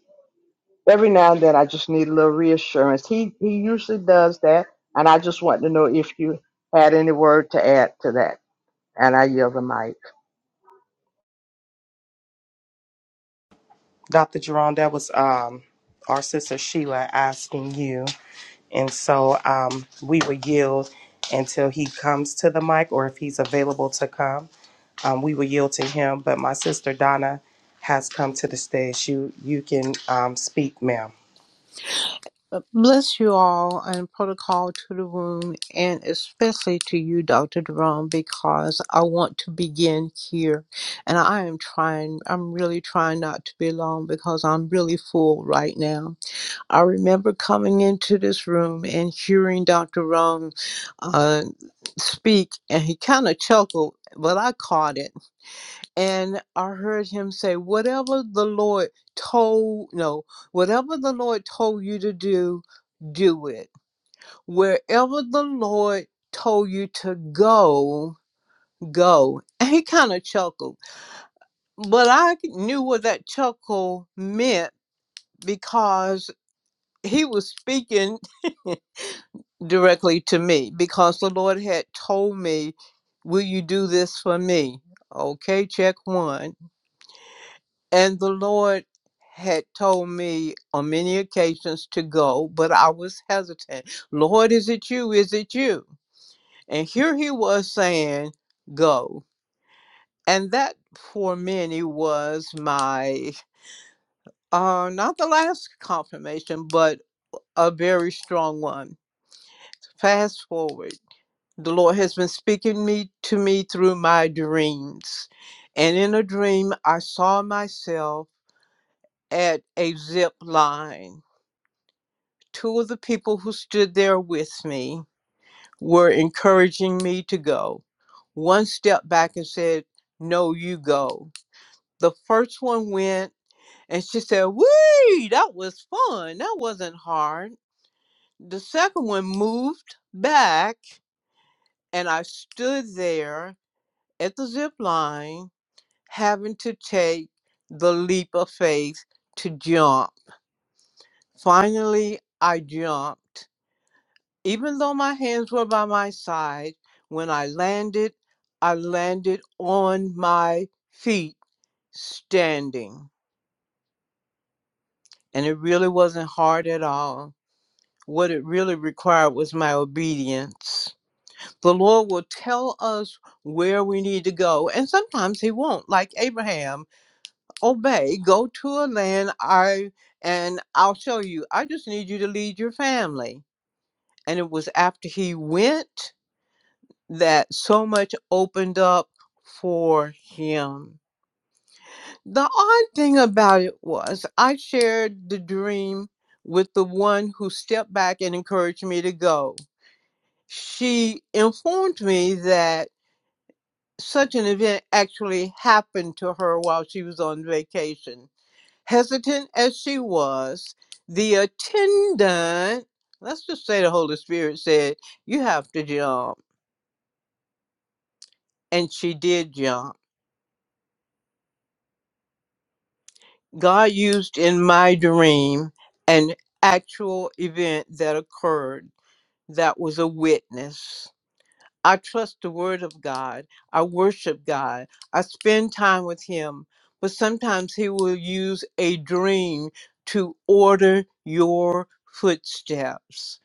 Speaker 5: every now and then I just need a little reassurance. He he usually does that, and I just want to know if you had any word to add to that. And I yield the mic.
Speaker 2: Dr. Jerome. That was um our sister Sheila asking you, and so um we would yield until he comes to the mic or if he's available to come. Um, we will yield to him, but my sister Donna has come to the stage. You you can um, speak, ma'am.
Speaker 6: Bless you all and protocol to the room, and especially to you, Dr. Jerome, because I want to begin here. And I am trying, I'm really trying not to be long because I'm really full right now. I remember coming into this room and hearing Dr. Jerome uh, speak, and he kind of chuckled, but I caught it and I heard him say, "Whatever the Lord told no, whatever the Lord told you to do, do it. Wherever the Lord told you to go, go." And he kind of chuckled, but I knew what that chuckle meant because he was speaking directly to me because the Lord had told me, "Will you do this for me?" Okay, check one And the Lord had told me on many occasions to go, but I was hesitant. Lord, is it you? Is it you? And here he was saying, Go. And that for many was my, uh, not the last confirmation, but a very strong one. Fast forward. The Lord has been speaking me to me through my dreams. And in a dream, I saw myself at a zip line Two of the people who stood there with me were encouraging me to go. One stepped back and said, No, you go. The first one went and she said, Wee, that was fun. That wasn't hard. The second one moved back and I stood there at the zip line having to take the leap of faith to jump. Finally, I jumped Even though my hands were by my side, when I landed, I landed on my feet standing. And it really wasn't hard at all. What it really required was my obedience. The Lord will tell us where we need to go, and sometimes He won't. Like Abraham, obey, go to a land I and I'll show you. I just need you to lead your family. And it was after he went that so much opened up for him. The odd thing about it was I shared the dream with the one who stepped back and encouraged me to go. She informed me that such an event actually happened to her while she was on vacation. Hesitant as she was, the attendant, let's just say the Holy Spirit said, You have to jump. And she did jump God used in my dream an actual event that occurred that was a witness. I trust the word of God. I worship God. I spend time with Him. But sometimes He will use a dream to order your footsteps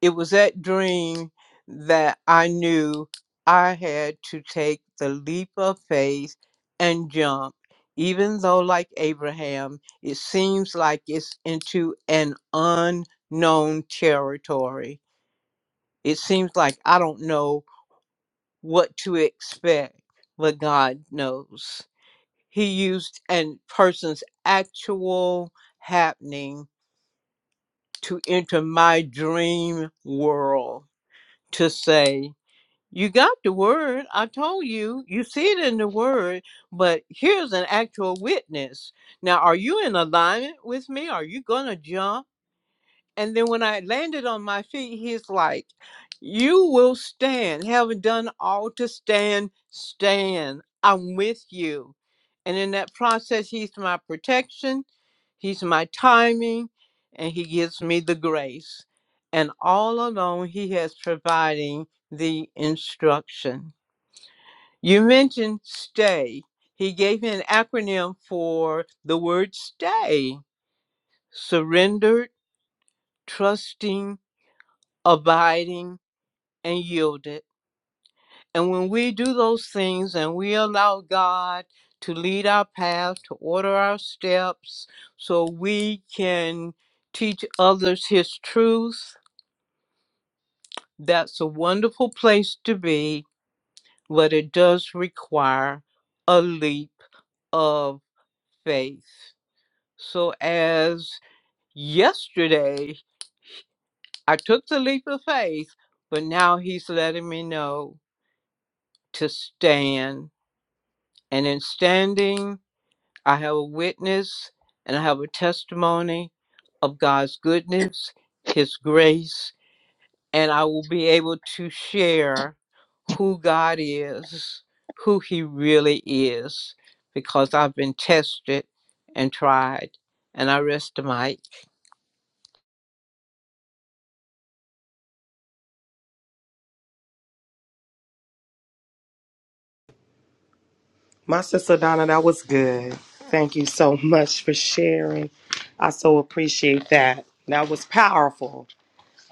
Speaker 6: it was that dream that I knew I had to take the leap of faith and jump, even though, like Abraham, it seems like it's into an unknown territory. It seems like I don't know what to expect, but God knows. He used a person's actual happening to enter my dream world to say, You got the word. I told you. You see it in the word, but here's an actual witness. Now, are you in alignment with me? Are you going to jump? And then when I landed on my feet, he's like, You will stand. Having done all to stand, stand. I'm with you. And in that process, he's my protection, he's my timing, and he gives me the grace. And all along, he has providing the instruction. You mentioned stay. He gave me an acronym for the word stay surrendered, trusting, abiding, and yielded. And when we do those things and we allow God to lead our path, to order our steps, so we can teach others His truth, that's a wonderful place to be, but it does require a leap of faith. So, as yesterday, I took the leap of faith, but now he's letting me know to stand. And in standing, I have a witness and I have a testimony of God's goodness, His grace, and I will be able to share who God is, who He really is, because I've been tested and tried. And I rest the mic.
Speaker 2: My sister Donna, that was good. Thank you so much for sharing. I so appreciate that. That was powerful.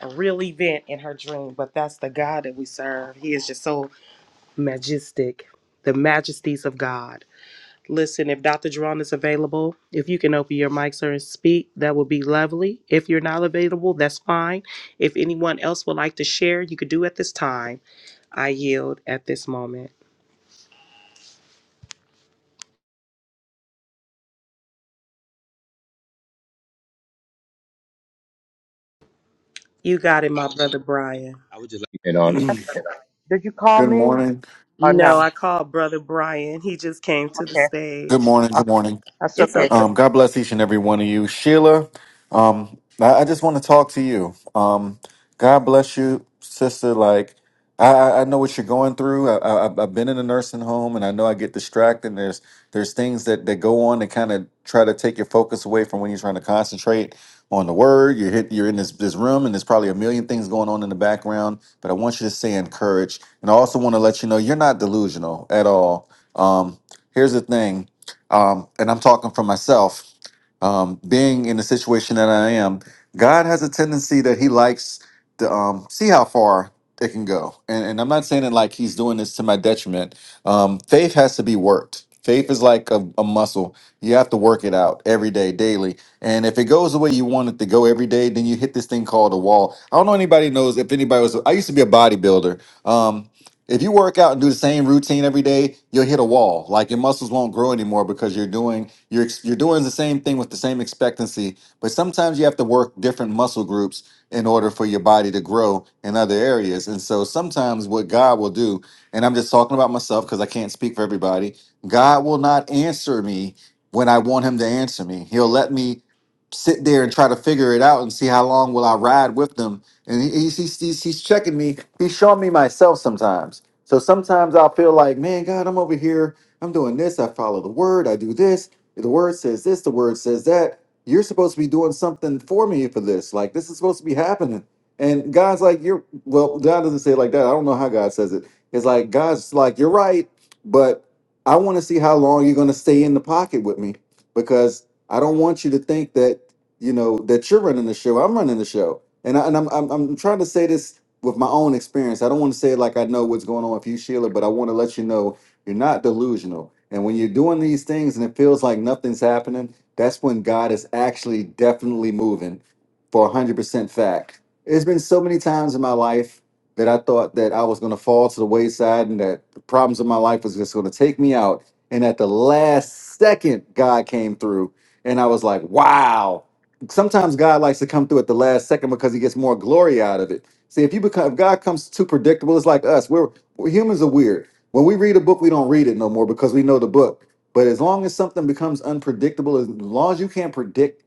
Speaker 2: A real event in her dream, but that's the God that we serve. He is just so majestic, the majesties of God. Listen, if Dr. Jerron is available, if you can open your mic, sir, and speak, that would be lovely. If you're not available, that's fine. If anyone else would like to share, you could do at this time. I yield at this moment. You got it, my brother Brian.
Speaker 4: I would just like And on.
Speaker 7: Good
Speaker 5: That's Did you call me
Speaker 7: morning.
Speaker 5: or
Speaker 2: No,
Speaker 5: no?
Speaker 2: I called Brother Brian. He just came to the
Speaker 5: Okay,
Speaker 7: Good
Speaker 2: stage.
Speaker 7: morning. Good
Speaker 5: okay,
Speaker 7: morning.
Speaker 5: that's
Speaker 2: It's
Speaker 5: okay. Good.
Speaker 2: okay.
Speaker 7: Um, God bless each and every one of you. Sheila, um, I, I just want to talk to you. Um, God bless you, sister. Like, I, I I know what you're going through. I, I, I've I've been in a nursing home and I know I get distracted. And there's, there's things that, that go on that kind of try to take your focus away from when you're trying to concentrate on the word. You're, hit, you're in this, this room and there's probably a million things going on in the background. But I want you to stay encouraged. And I also want to let you know you're not delusional at all. Um, here's the thing um, and I'm talking for myself, um, being in the situation that I am, God has a tendency that He likes to um, see how far it can go. And, and I'm not saying it like He's doing this to my detriment. Um, faith has to be worked. Faith is like a, a muscle. You have to work it out every day, daily. And if it goes the way you want it to go every day, then you hit this thing called a wall. I don't know anybody knows if anybody was. I used to be a bodybuilder, Um, if you work out and do the same routine every day, you'll hit a wall. Like your muscles won't grow anymore because you're doing you're ex- you're doing the same thing with the same expectancy. But sometimes you have to work different muscle groups in order for your body to grow in other areas. And so sometimes what God will do, and I'm just talking about myself because I can't speak for everybody, God will not answer me when I want him to answer me. He'll let me sit there and try to figure it out and see how long will I ride with them and he, he's, he's he's he's checking me. He's showing me myself sometimes. So sometimes I'll feel like, man, God, I'm over here. I'm doing this. I follow the word. I do this. The word says this. The word says that. You're supposed to be doing something for me for this. Like this is supposed to be happening. And God's like, you're well. God doesn't say it like that. I don't know how God says it. It's like God's like, you're right, but I want to see how long you're going to stay in the pocket with me because I don't want you to think that you know that you're running the show. I'm running the show and I, and I'm, I'm I'm trying to say this with my own experience. I don't want to say it like I know what's going on with you, Sheila, but I want to let you know you're not delusional. And when you're doing these things and it feels like nothing's happening, that's when God is actually definitely moving for 100% fact. There's been so many times in my life that I thought that I was going to fall to the wayside and that the problems of my life was just going to take me out. And at the last second, God came through. And I was like, wow sometimes God likes to come through at the last second because he gets more glory out of it. See, if you become if God comes too predictable, it's like us. We're, we're humans are weird. When we read a book, we don't read it no more because we know the book. But as long as something becomes unpredictable, as long as you can't predict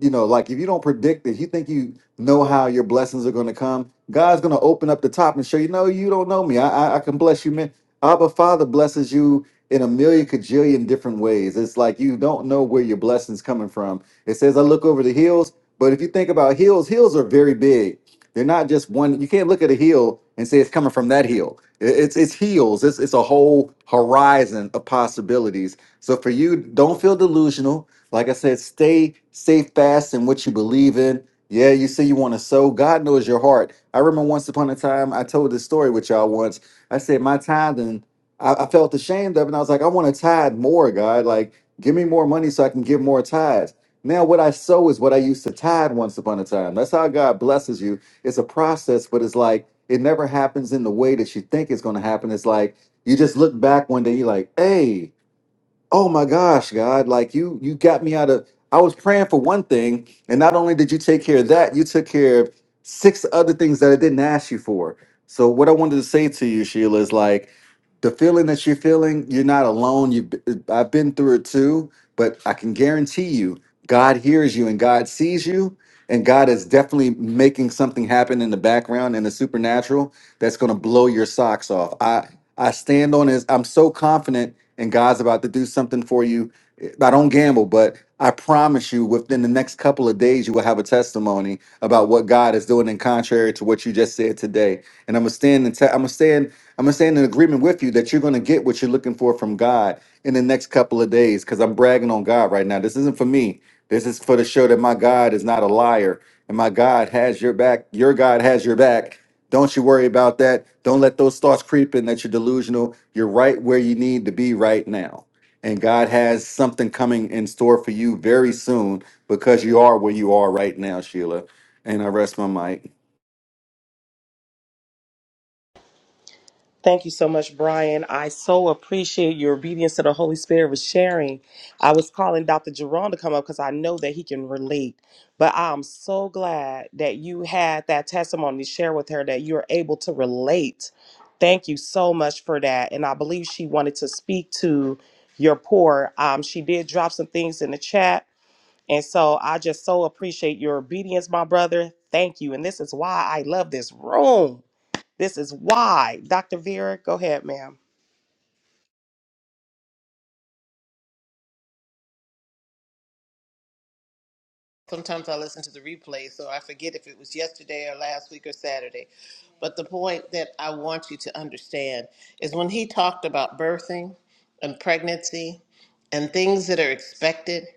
Speaker 7: you know, like if you don't predict it, you think you know how your blessings are going to come. God's going to open up the top and show you, no, you don't know me. I, I, I can bless you, man. Abba Father blesses you in a million cajillion different ways. It's like you don't know where your blessings coming from. It says, I look over the hills, but if you think about hills, hills are very big. They're not just one. You can't look at a hill and say it's coming from that hill. I- It's it's hills. It's it's a whole horizon of possibilities. So for you, don't feel delusional like I said, stay stay fast in what you believe in. Yeah, you say you want to sow. God knows your heart. I remember once upon a time I told this story with y'all once. I said my tithing, I, I felt ashamed of, it, and I was like, I want to tithe more, God. Like, give me more money so I can give more tithes. Now, what I sow is what I used to tithe once upon a time. That's how God blesses you. It's a process, but it's like it never happens in the way that you think it's going to happen. It's like you just look back one day, you're like, hey, oh my gosh god like you you got me out of i was praying for one thing and not only did you take care of that you took care of six other things that i didn't ask you for so what i wanted to say to you sheila is like the feeling that you're feeling you're not alone you i've been through it too but i can guarantee you god hears you and god sees you and god is definitely making something happen in the background in the supernatural that's going to blow your socks off i i stand on his i'm so confident and God's about to do something for you. I don't gamble, but I promise you, within the next couple of days, you will have a testimony about what God is doing, in contrary to what you just said today. And I'm gonna stand and te- I'm gonna stand. I'm gonna stand in agreement with you that you're gonna get what you're looking for from God in the next couple of days. Because I'm bragging on God right now. This isn't for me. This is for the show that my God is not a liar, and my God has your back. Your God has your back don't you worry about that. Don't let those thoughts creep in that you're delusional. You're right where you need to be right now. And God has something coming in store for you very soon because you are where you are right now, Sheila. And I rest my mic.
Speaker 2: Thank you so much, Brian. I so appreciate your obedience to the Holy Spirit with sharing. I was calling Dr. Jerome to come up because I know that he can relate. But I'm so glad that you had that testimony to share with her that you're able to relate. Thank you so much for that. And I believe she wanted to speak to your poor. Um, she did drop some things in the chat And so I just so appreciate your obedience, my brother. Thank you. And this is why I love this room. This is why. Dr. Vera, go ahead, ma'am.
Speaker 1: sometimes I listen to the replay, so I forget if it was yesterday or last week or Saturday. But the point that I want you to understand is when he talked about birthing and pregnancy and things that are expected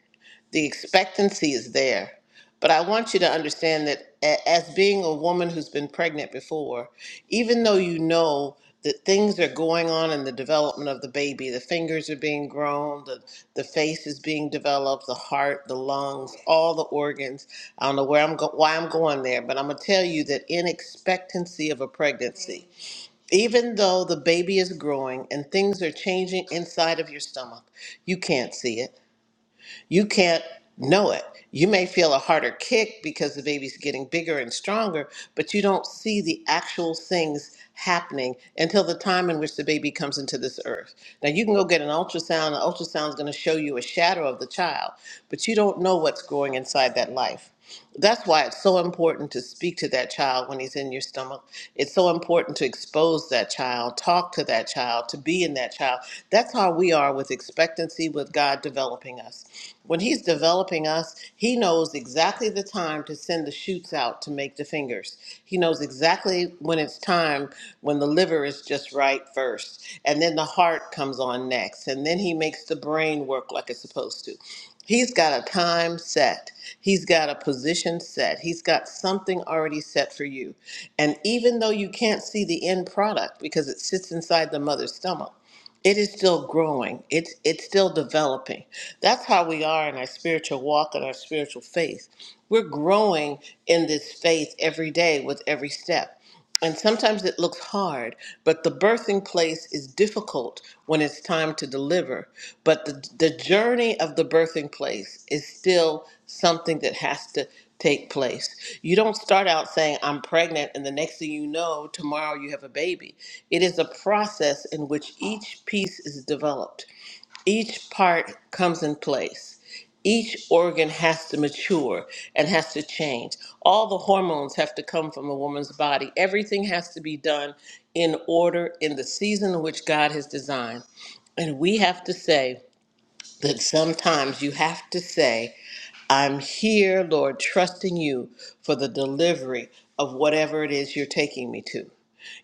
Speaker 1: the expectancy is there. But I want you to understand that a- as being a woman who's been pregnant before, even though you know that things are going on in the development of the baby, the fingers are being grown, the, the face is being developed, the heart, the lungs, all the organs. I don't know where I'm go- why I'm going there, but I'm going to tell you that in expectancy of a pregnancy, even though the baby is growing and things are changing inside of your stomach, you can't see it you can't know it. You may feel a harder kick because the baby's getting bigger and stronger, but you don't see the actual things happening until the time in which the baby comes into this earth. Now, you can go get an ultrasound, the is going to show you a shadow of the child, but you don't know what's going inside that life. That's why it's so important to speak to that child when he's in your stomach. It's so important to expose that child, talk to that child, to be in that child. That's how we are with expectancy, with God developing us. When he's developing us, he knows exactly the time to send the shoots out to make the fingers. He knows exactly when it's time when the liver is just right first, and then the heart comes on next, and then he makes the brain work like it's supposed to. He's got a time set. He's got a position set. He's got something already set for you. And even though you can't see the end product because it sits inside the mother's stomach, it is still growing. It's it's still developing. That's how we are in our spiritual walk and our spiritual faith. We're growing in this faith every day with every step. And sometimes it looks hard, but the birthing place is difficult when it's time to deliver. But the, the journey of the birthing place is still something that has to take place. You don't start out saying, I'm pregnant, and the next thing you know, tomorrow you have a baby. It is a process in which each piece is developed each part comes in place. Each organ has to mature and has to change. All the hormones have to come from a woman's body. Everything has to be done in order in the season in which God has designed. And we have to say that sometimes you have to say, I'm here, Lord, trusting you for the delivery of whatever it is you're taking me to.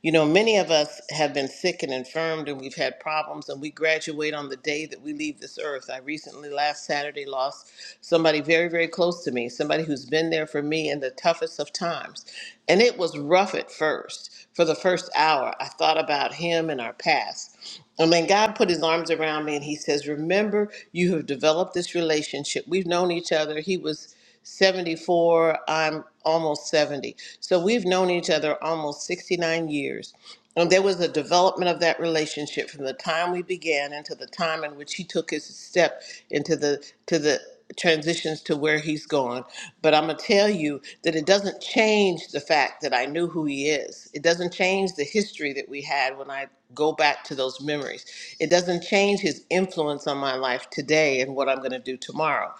Speaker 1: You know, many of us have been sick and infirmed and we've had problems and we graduate on the day that we leave this earth. I recently, last Saturday, lost somebody very, very close to me, somebody who's been there for me in the toughest of times. And it was rough at first. For the first hour, I thought about him and our past. And then God put his arms around me and he says, Remember, you have developed this relationship. We've known each other. He was 74, I'm almost 70. So we've known each other almost 69 years. And there was a development of that relationship from the time we began into the time in which he took his step into the to the transitions to where he's gone on. But I'm going to tell you that it doesn't change the fact that I knew who he is. It doesn't change the history that we had when I go back to those memories. It doesn't change his influence on my life today and what I'm going to do tomorrow.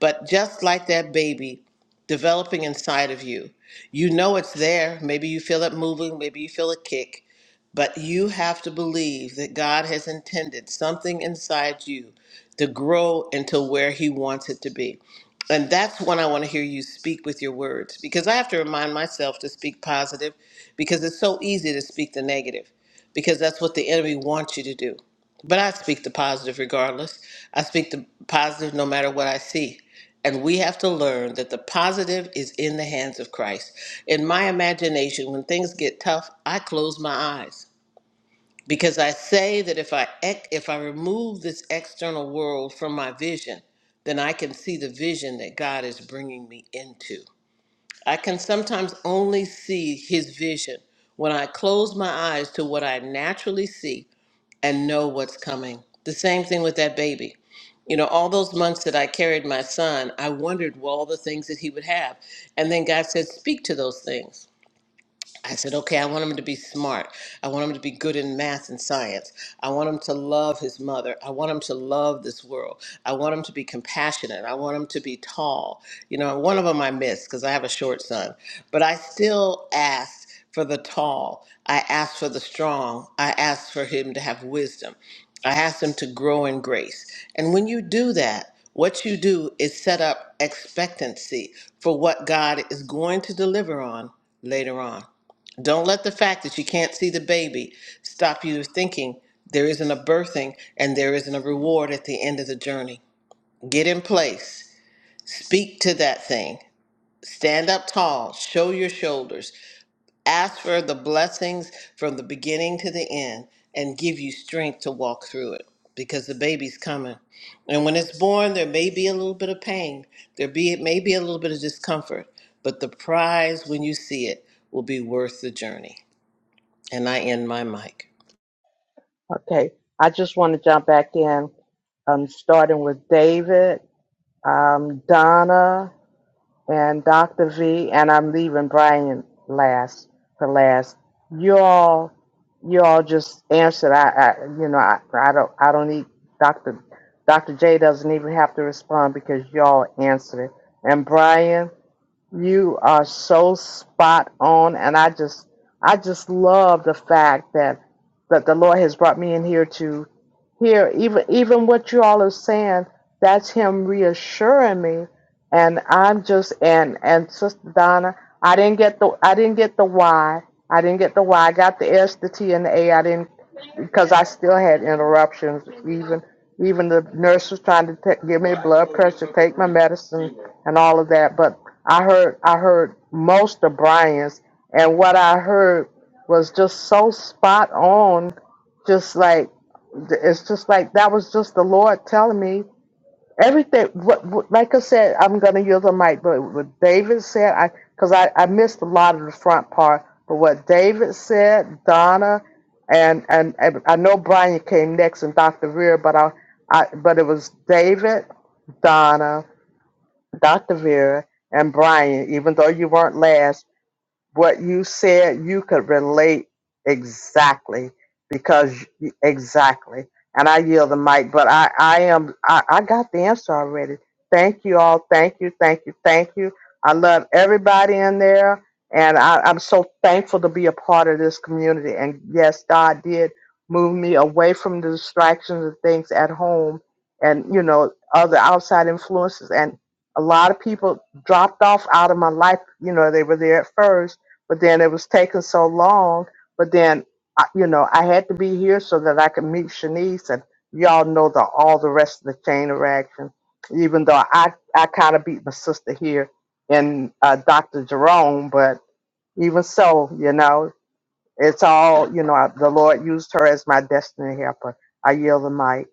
Speaker 1: But just like that baby developing inside of you, you know it's there. Maybe you feel it moving, maybe you feel a kick. But you have to believe that God has intended something inside you to grow into where He wants it to be. And that's when I want to hear you speak with your words because I have to remind myself to speak positive because it's so easy to speak the negative because that's what the enemy wants you to do. But I speak the positive regardless. I speak the positive no matter what I see. And we have to learn that the positive is in the hands of Christ. In my imagination, when things get tough, I close my eyes because I say that if I ec- if I remove this external world from my vision, then I can see the vision that God is bringing me into. I can sometimes only see his vision when I close my eyes to what I naturally see and know what's coming. The same thing with that baby. You know, all those months that I carried my son, I wondered well, all the things that he would have. And then God said, Speak to those things. I said, okay, I want him to be smart. I want him to be good in math and science. I want him to love his mother. I want him to love this world. I want him to be compassionate. I want him to be tall. You know, one of them I missed because I have a short son, but I still asked for the tall. I asked for the strong. I asked for him to have wisdom. I asked him to grow in grace. And when you do that, what you do is set up expectancy for what God is going to deliver on later on. Don't let the fact that you can't see the baby stop you thinking there isn't a birthing and there isn't a reward at the end of the journey. Get in place, speak to that thing, stand up tall, show your shoulders, ask for the blessings from the beginning to the end, and give you strength to walk through it because the baby's coming. And when it's born, there may be a little bit of pain, there be, it may be a little bit of discomfort, but the prize when you see it will be worth the journey. And I end my mic.
Speaker 5: Okay, I just want to jump back in. Um, starting with David, um, Donna. and Dr. V, and I'm leaving Brian last for last. You all, you all just answered. I, I you know, I, I don't, I don't need Dr. Dr. J doesn't even have to respond because y'all answered it. And Brian, you are so spot on, and I just, I just love the fact that that the Lord has brought me in here to here even even what you all are saying that's him reassuring me and i'm just and and sister donna i didn't get the i didn't get the why i didn't get the why i got the s the t and the a i didn't because i still had interruptions even even the nurse was trying to t- give me blood pressure take my medicine and all of that but i heard i heard most of brian's and what i heard was just so spot on just like it's just like that was just the Lord telling me everything. What, what like I said, I'm gonna use the mic, but what David said, I because I I missed a lot of the front part, but what David said, Donna, and and, and I know Brian came next and Dr. Vera, but I I but it was David, Donna, Dr. Vera, and Brian. Even though you weren't last what you said you could relate exactly because exactly and i yield the mic but i i am I, I got the answer already thank you all thank you thank you thank you i love everybody in there and I, i'm so thankful to be a part of this community and yes god did move me away from the distractions and things at home and you know other outside influences and a lot of people dropped off out of my life you know they were there at first but then it was taking so long. But then, I- you know, I had to be here so that I could meet Shanice and y'all know the all the rest of the chain of action. Even though I I kind of beat my sister here and uh, Dr. Jerome, but even so, you know, it's all you know. I- The Lord used her as my destiny helper. I yield the mic.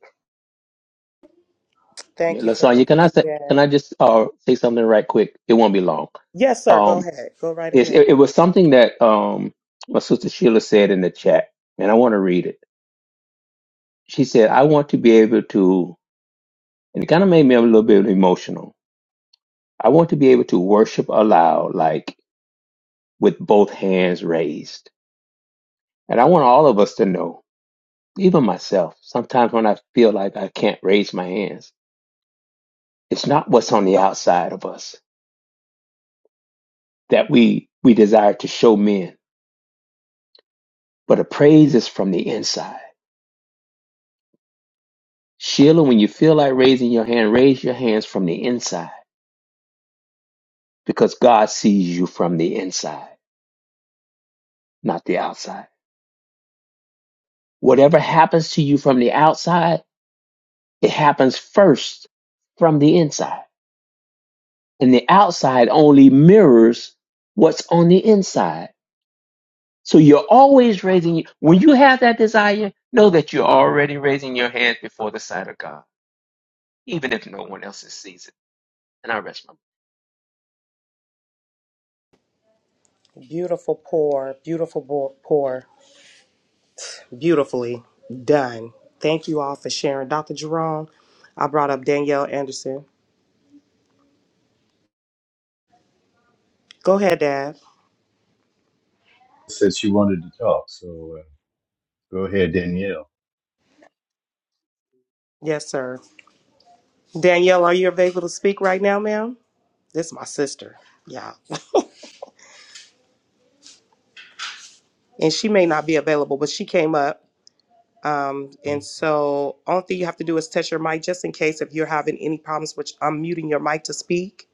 Speaker 4: I mean,
Speaker 2: Thank you for your
Speaker 4: Lasagna, can I say, can
Speaker 2: feedback.
Speaker 4: I just uh, say something right quick? It won't be long.
Speaker 2: Yes, sir. Go
Speaker 4: Um,
Speaker 2: ahead. Go right
Speaker 4: it's,
Speaker 2: ahead.
Speaker 4: it, it was something that um, my sister Sheila said in the chat, and I want to read it. She said, "I want to be able to," and it kind of made me a little bit emotional. I want to be able to worship aloud, like with both hands raised, and I want all of us to know, even myself, sometimes when I feel like I can't raise my hands, it's not what's on the outside of us that we we desire to show men But a praise is from the inside. Sheila, when you feel like raising your hand, raise your hands from the inside because God sees you from the inside, not the outside. Whatever happens to you from the outside, it happens first from the inside. And the outside only mirrors what's on the inside. So you're always raising, when you have that desire, know that you're already raising your hand before the sight of God, even if no one else sees it. And I rest my
Speaker 2: Beautiful pour, beautiful bo- pour, beautifully done. Thank you all for sharing. Dr. Jerome, I brought up Danielle Anderson. Go ahead, Dad.
Speaker 8: said she wanted to talk. So, uh,
Speaker 2: Yes, sir. Danielle, are you available to speak right now, ma'am? This is my sister. Yeah. And she may not be available, but she came up. Um, and so, only thing you have to do is test your mic just in case if you're having any problems, which I'm muting your mic to speak.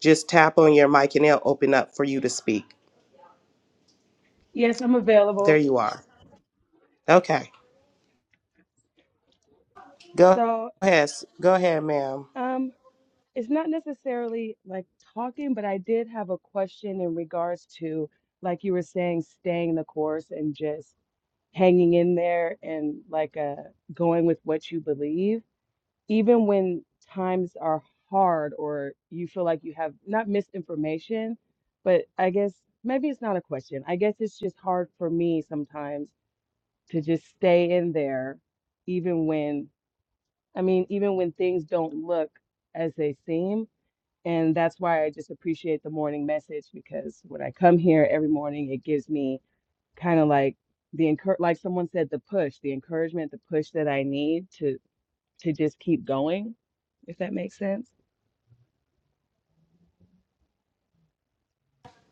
Speaker 2: Just tap on your mic and it'll open up for you to speak.
Speaker 9: Yes, I'm
Speaker 2: There
Speaker 9: available.
Speaker 2: you are. Okay. Go
Speaker 9: So,
Speaker 2: ahead. Go ahead, ma'am.
Speaker 9: um, it's not necessarily like talking, but I did have a question in regards to, like you were saying, staying the course and just hanging in there and like uh going with what you believe, even when times are hard or you feel like you have not misinformation, but I guess maybe it's not a question. I guess it's just hard for me sometimes to just stay in there, even when I mean, even when things don't look as they seem. And that's why I just appreciate the morning message because when I come here every morning, it gives me kind of like the encour like someone said, the push, the encouragement, the push that I need to to just keep going, if that makes sense.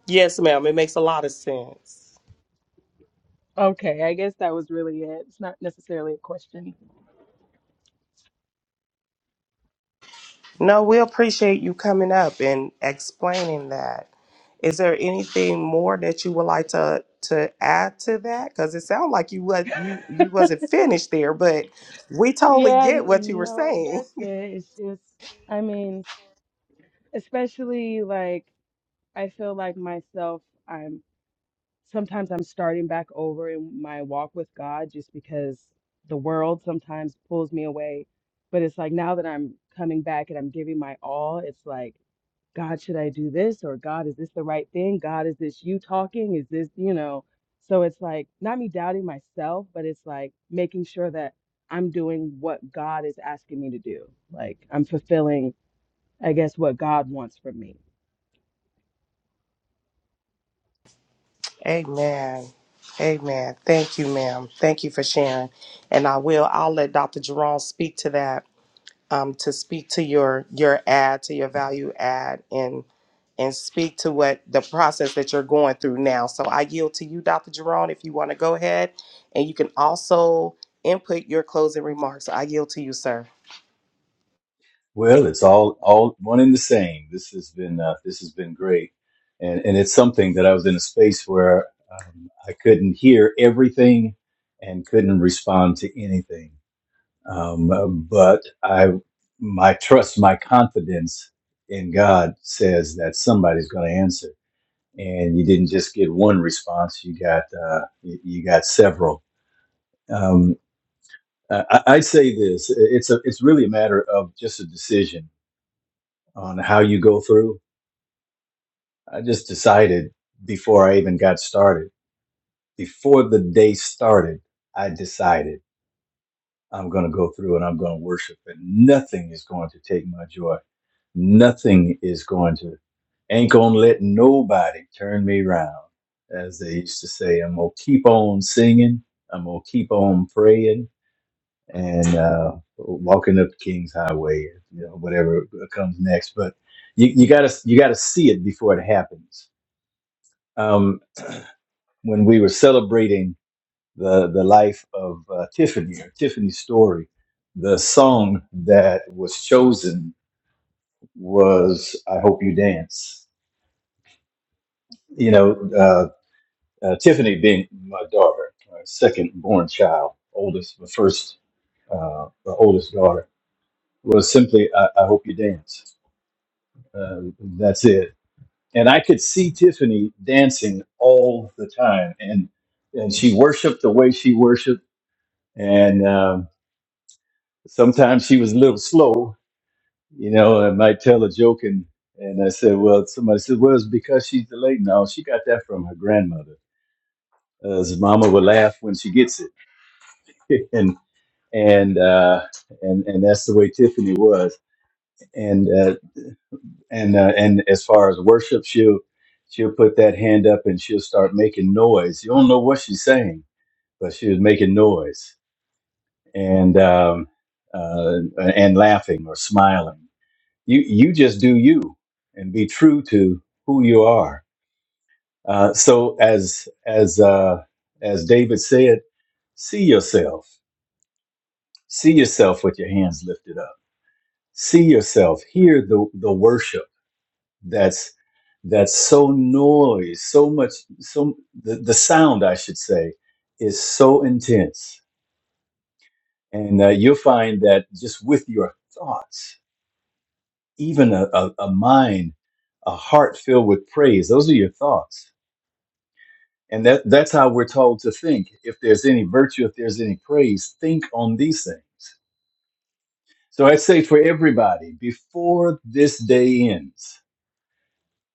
Speaker 2: Yes, ma'am. It makes a lot of sense.
Speaker 9: Okay, I guess that was really it. It's not necessarily a question.
Speaker 2: No, we appreciate you coming up and explaining that. Is there anything more that you would like to to add to that? Because it sounds like you was you you wasn't finished there, but we totally
Speaker 9: Yeah,
Speaker 2: get what you
Speaker 9: n-
Speaker 2: were
Speaker 9: no,
Speaker 2: saying.
Speaker 9: that's it. It's just, I mean, especially like I feel like myself. I'm. sometimes I'm starting back over in my walk with God just because the world sometimes pulls me away. But it's like now that I'm coming back and I'm giving my all, it's like, God, should I do this? Or God, is this the right thing? God, is this you talking? Is this, you know? So it's like not me doubting myself, but it's like making sure that I'm doing what God is asking me to do. Like I'm fulfilling, I guess, what God wants from me.
Speaker 2: Amen. Amen. Thank you, ma'am. Thank you for sharing. And I will, I'll let Dr. Jerome speak to that, um, to speak to your your ad, to your value add and and speak to what the process that you're going through now. So I yield to you, Dr. Jerome, if you want to go ahead. And you can also input your closing remarks. I yield to you, sir.
Speaker 8: well, it's all all one and the same. This has been uh, this has been great, and and it's something that I was in a space where um, I couldn't hear everything and couldn't respond to anything. Um, uh, but I my trust, my confidence in God says that somebody's going to answer. And you didn't just get one response; you got uh, you, you got several. Um, Uh, I, I say this: it's a it's really a matter of just a decision on how you go through. I just decided before I even got started, before the day started, I decided I'm going to go through and I'm going to worship, and nothing is going to take my joy. Nothing is going to ain't gonna let nobody turn me around, as they used to say. I'm gonna keep on singing. I'm gonna keep on praying and uh, walking up King's Highway, you know, whatever comes next. But you, you gotta you gotta see it before it happens. Um, when we were celebrating the the life of uh, Tiffany or Tiffany's story, the song that was chosen was "I Hope You Dance." You know, uh, uh, Tiffany being my daughter, my second born child, oldest, the first, uh, the oldest daughter, was simply "I, I Hope You Dance." Um, that's it. And I could see Tiffany dancing all the time, and and she worshipped the way she worshipped. And um, sometimes she was a little slow, you know. I might tell a joke, and and I said, well, somebody said, well, it's because she's delayed. No, she got that from her grandmother. As Mama would laugh when she gets it, and and uh, and and that's the way Tiffany was. And uh, and uh, and as far as worship, she'll she'll put that hand up and she'll start making noise. You don't know what she's saying, but she was making noise and um, uh, and laughing or smiling. You you just do you and be true to who you are. Uh, so as as uh, as David said, see yourself, see yourself with your hands lifted up, see yourself, hear the the worship that's. that's so noise, so much, so the, the sound, I should say, is so intense. And uh, you'll find that just with your thoughts, even a, a, a mind, a heart filled with praise, those are your thoughts. And that, that's how we're told to think. If there's any virtue, if there's any praise, think on these things. So I'd say for everybody, before this day ends,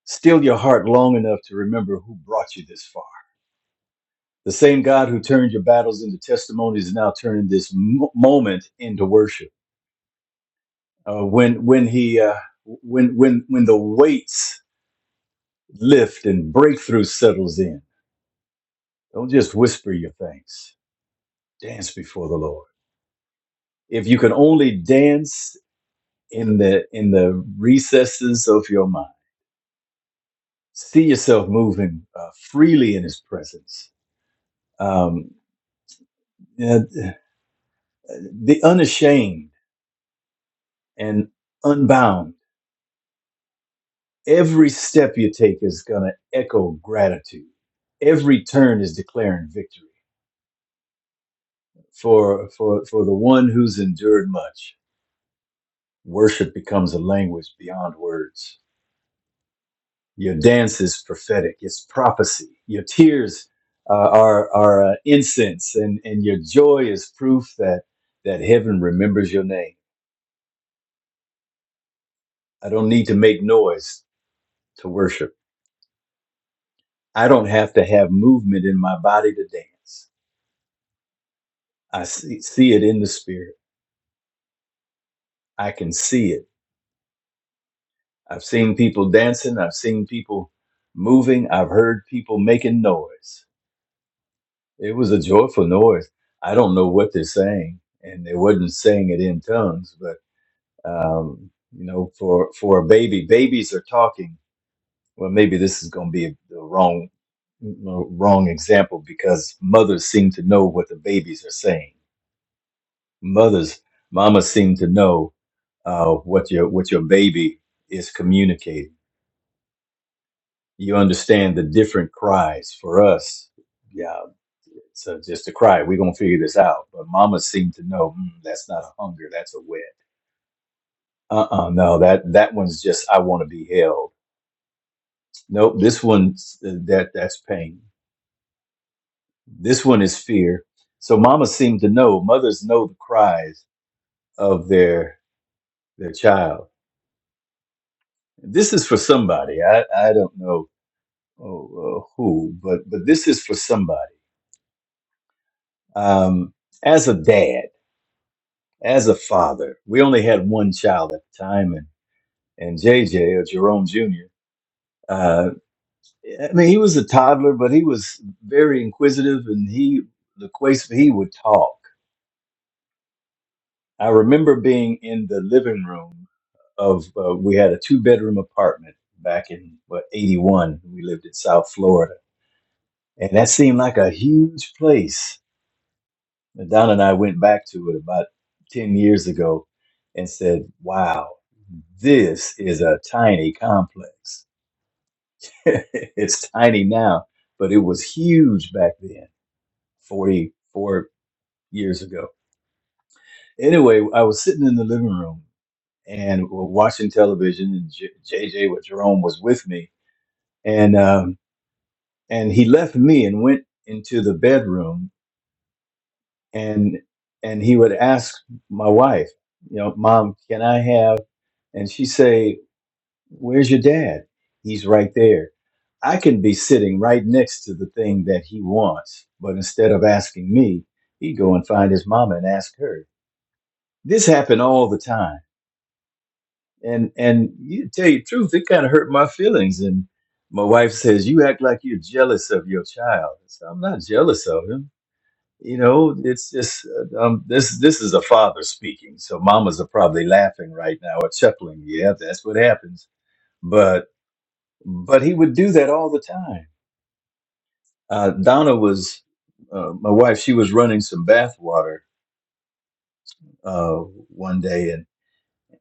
Speaker 8: still your heart long enough to remember who brought you this far The same God who turned your battles into testimonies is now turning this mo- moment into worship. Uh, when when he uh, when when when the weights lift and breakthrough settles in, don't just whisper your thanks. Dance before the Lord. If you can only dance in the in the recesses of your mind, see yourself moving uh, freely in His presence. Um, uh, the unashamed and unbound Every step you take is going to echo gratitude. Every turn is declaring victory. For, for, for the one who's endured much, worship becomes a language beyond words. Your dance is prophetic, it's prophecy. Your tears uh, are, are uh, incense, and, and your joy is proof that, that heaven remembers your name. I don't need to make noise to worship. I don't have to have movement in my body to dance. I see, see it in the spirit. I can see it. I've seen people dancing, I've seen people moving, I've heard people making noise. It was a joyful noise. I don't know what they're saying, and they wasn't saying it in tongues, but um, you know, for for a baby, babies are talking. Well, maybe this is going to be the wrong wrong example because mothers seem to know what the babies are saying. Mothers, mamas seem to know uh, what your what your baby is communicating you understand the different cries for us. Yeah, so just a cry. We're gonna figure this out. But Mama seemed to know mm, that's not a hunger, that's a wet. Uh-uh, no, that that one's just I want to be held. Nope, this one's uh, that that's pain. This one is fear. So Mama seemed to know. Mothers know the cries of their their child. This is for somebody. I I don't know oh, uh, who, but but this is for somebody. Um, as a dad. as a father. We only had one child at the time, and and JJ or Jerome Jr. Uh, I mean, he was a toddler, but he was very inquisitive, and he loquacious. He would talk. I remember being in the living room of uh, we had a two bedroom apartment back in what eighty one. We lived in South Florida, and that seemed like a huge place. And Don and I went back to it about ten years ago, and said, "Wow." This is a tiny complex. it's tiny now, but it was huge back then, 44 years ago. Anyway, I was sitting in the living room and we're watching television, and J- JJ, with Jerome, was with me, and um, and he left me and went into the bedroom, and and he would ask my wife, you know, Mom, can I have? And she say Where's your dad? He's right there. I can be sitting right next to the thing that he wants, but instead of asking me, he'd go and find his mama and ask her. This happened all the time. And and you tell you the truth, it kind of hurt my feelings. And my wife says, You act like you're jealous of your child. I said, I'm not jealous of him. You know, it's just uh, um, this. This is a father speaking, so mamas are probably laughing right now or chuckling. Yeah, that's what happens but. but he would do that all the time. Uh, Donna was uh, my wife. She was running some bath water uh, one day, and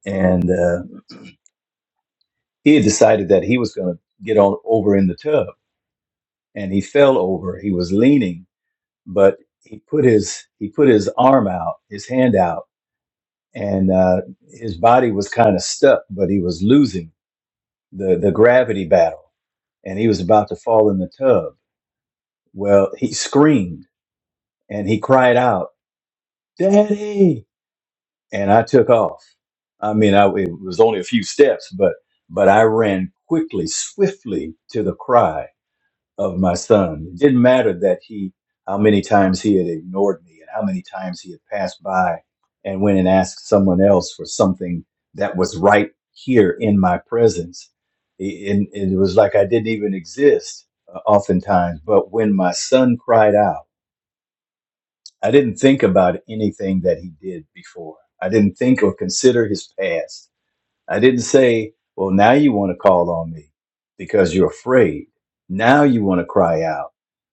Speaker 8: and uh, he had decided that he was going to get on over in the tub, and he fell over. He was leaning, but he put his he put his arm out, his hand out, and uh, his body was kind of stuck, but he was losing the the gravity battle, and he was about to fall in the tub. Well, he screamed and he cried out, "Daddy!" and I took off. I mean, I, it was only a few steps, but but I ran quickly, swiftly to the cry of my son. It didn't matter that he how many times he had ignored me and how many times he had passed by and went and asked someone else for something that was right here in my presence. I- And it was like I didn't even exist uh, oftentimes. But when my son cried out I didn't think about anything that he did before. I didn't think or consider his past. I didn't say, well, now you want to call on me because you're afraid. Now you want to cry out.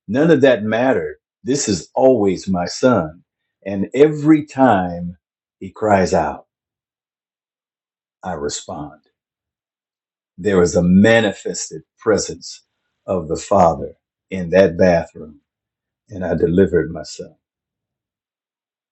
Speaker 8: None of that mattered. This is always my son. And every time he cries out, I respond. There is a manifested presence of the Father in that bathroom, and I delivered my son.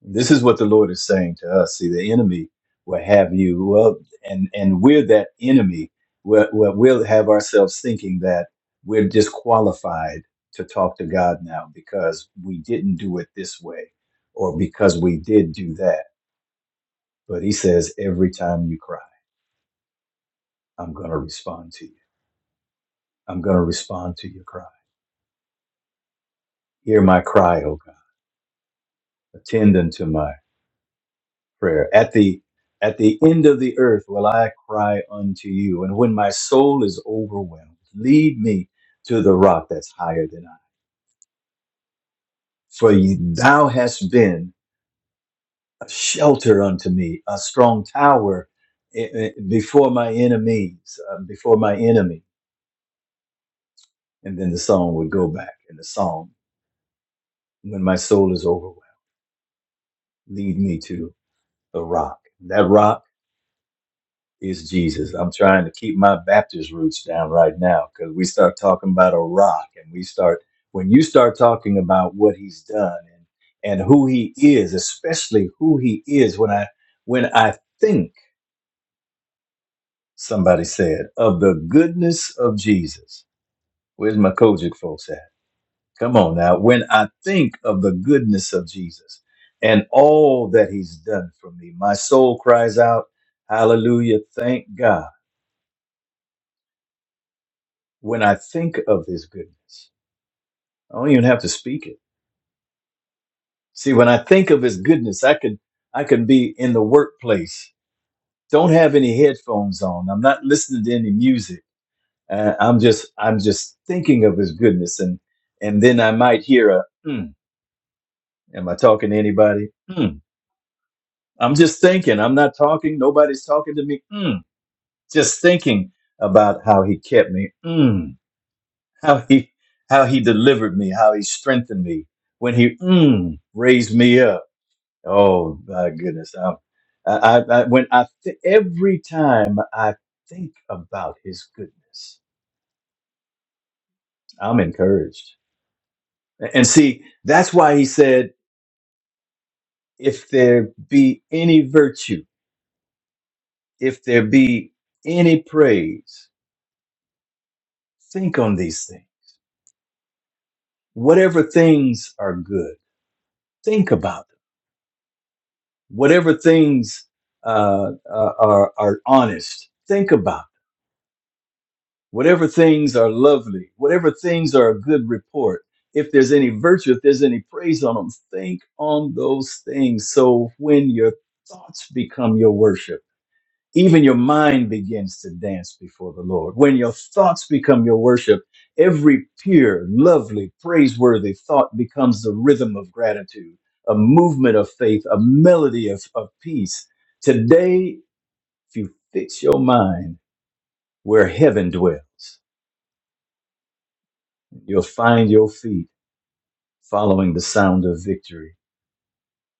Speaker 8: This is what the Lord is saying to us. See, the enemy will have you, well, and and we're that enemy. We're, we're, we'll have ourselves thinking that we're disqualified to talk to God now because we didn't do it this way, or because we did do that. But He says, every time you cry, I'm going to respond to you. I'm going to respond to your cry. Hear my cry, O God. Attend unto my prayer. At the at the end of the earth will I cry unto you, and when my soul is overwhelmed, lead me to the rock that's higher than I. For you, thou hast been a shelter unto me, a strong tower eh, eh, before my enemies, uh, before my enemy. And then the song would go back, and the song, when my soul is overwhelmed, lead me to the rock. That rock is Jesus. I'm trying to keep my Baptist roots down right now because we start talking about a rock and we start, when you start talking about what he's done and, and who he is, especially who he is, when I, when I think, somebody said, of the goodness of Jesus. Where's my Kojic folks at? Come on now. When I think of the goodness of Jesus and all that he's done for me, my soul cries out, Hallelujah. Thank God. When I think of his goodness, I don't even have to speak it. See, when I think of his goodness, I can I can be in the workplace. Don't have any headphones on. I'm not listening to any music. Uh, I'm just I'm just thinking of his goodness and and then I might hear a mm, am I talking to anybody? Mm, I'm just thinking. I'm not talking. Nobody's talking to me. Mm, just thinking about how he kept me. Mm. how he how he delivered me, how he strengthened me when he mm, raised me up. Oh my goodness! Um, I, I, I when I th- every time I think about his goodness, I'm encouraged. A- And see, that's why he said, "If there be any virtue, if there be any praise, think on these things. Whatever things are good, think about." whatever things uh, uh, are, are honest, think about it. whatever things are lovely, whatever things are a good report. If there's any virtue, if there's any praise on them, think on those things. So when your thoughts become your worship even your mind begins to dance before the Lord. When your thoughts become your worship, every pure, lovely, praiseworthy thought becomes the rhythm of gratitude, a movement of faith, a melody of, of peace. Today, if you fix your mind where heaven dwells, you'll find your feet following the sound of victory,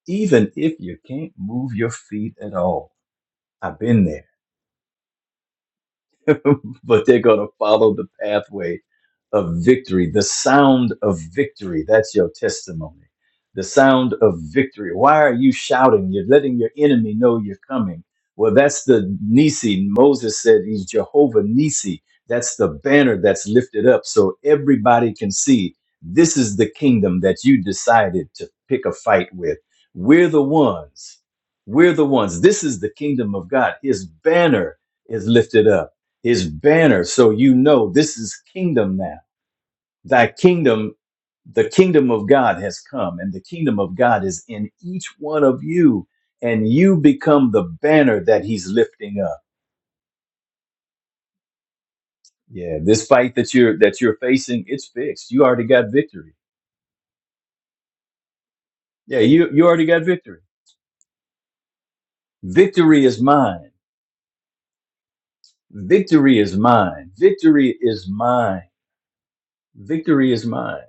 Speaker 8: even if you can't move your feet at all. I've been there. but they're going to follow the pathway of victory, the sound of victory. That's your testimony. The sound of victory. Why are you shouting? You're letting your enemy know you're coming. Well, that's the Nisi. Moses said he's Jehovah Nisi. That's the banner that's lifted up so everybody can see this is the kingdom that you decided to pick a fight with. We're the ones. We're the ones. This is the kingdom of God. His banner is lifted up his banner so you know this is kingdom now thy kingdom the kingdom of god has come and the kingdom of god is in each one of you and you become the banner that he's lifting up yeah this fight that you're that you're facing it's fixed you already got victory yeah you you already got victory victory is mine victory is mine victory is mine victory is mine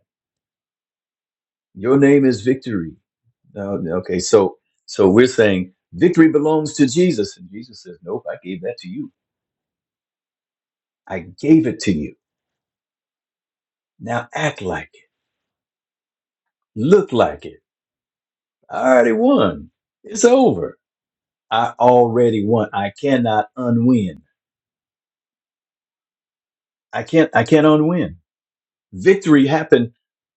Speaker 8: your name is victory No, okay, so so we're saying victory belongs to Jesus, and Jesus says, "Nope, I gave that to you. I gave it to you. Now act like it, look like it. I already won. It's over. I already won. I cannot unwin. I can't. I can't unwin. Victory happened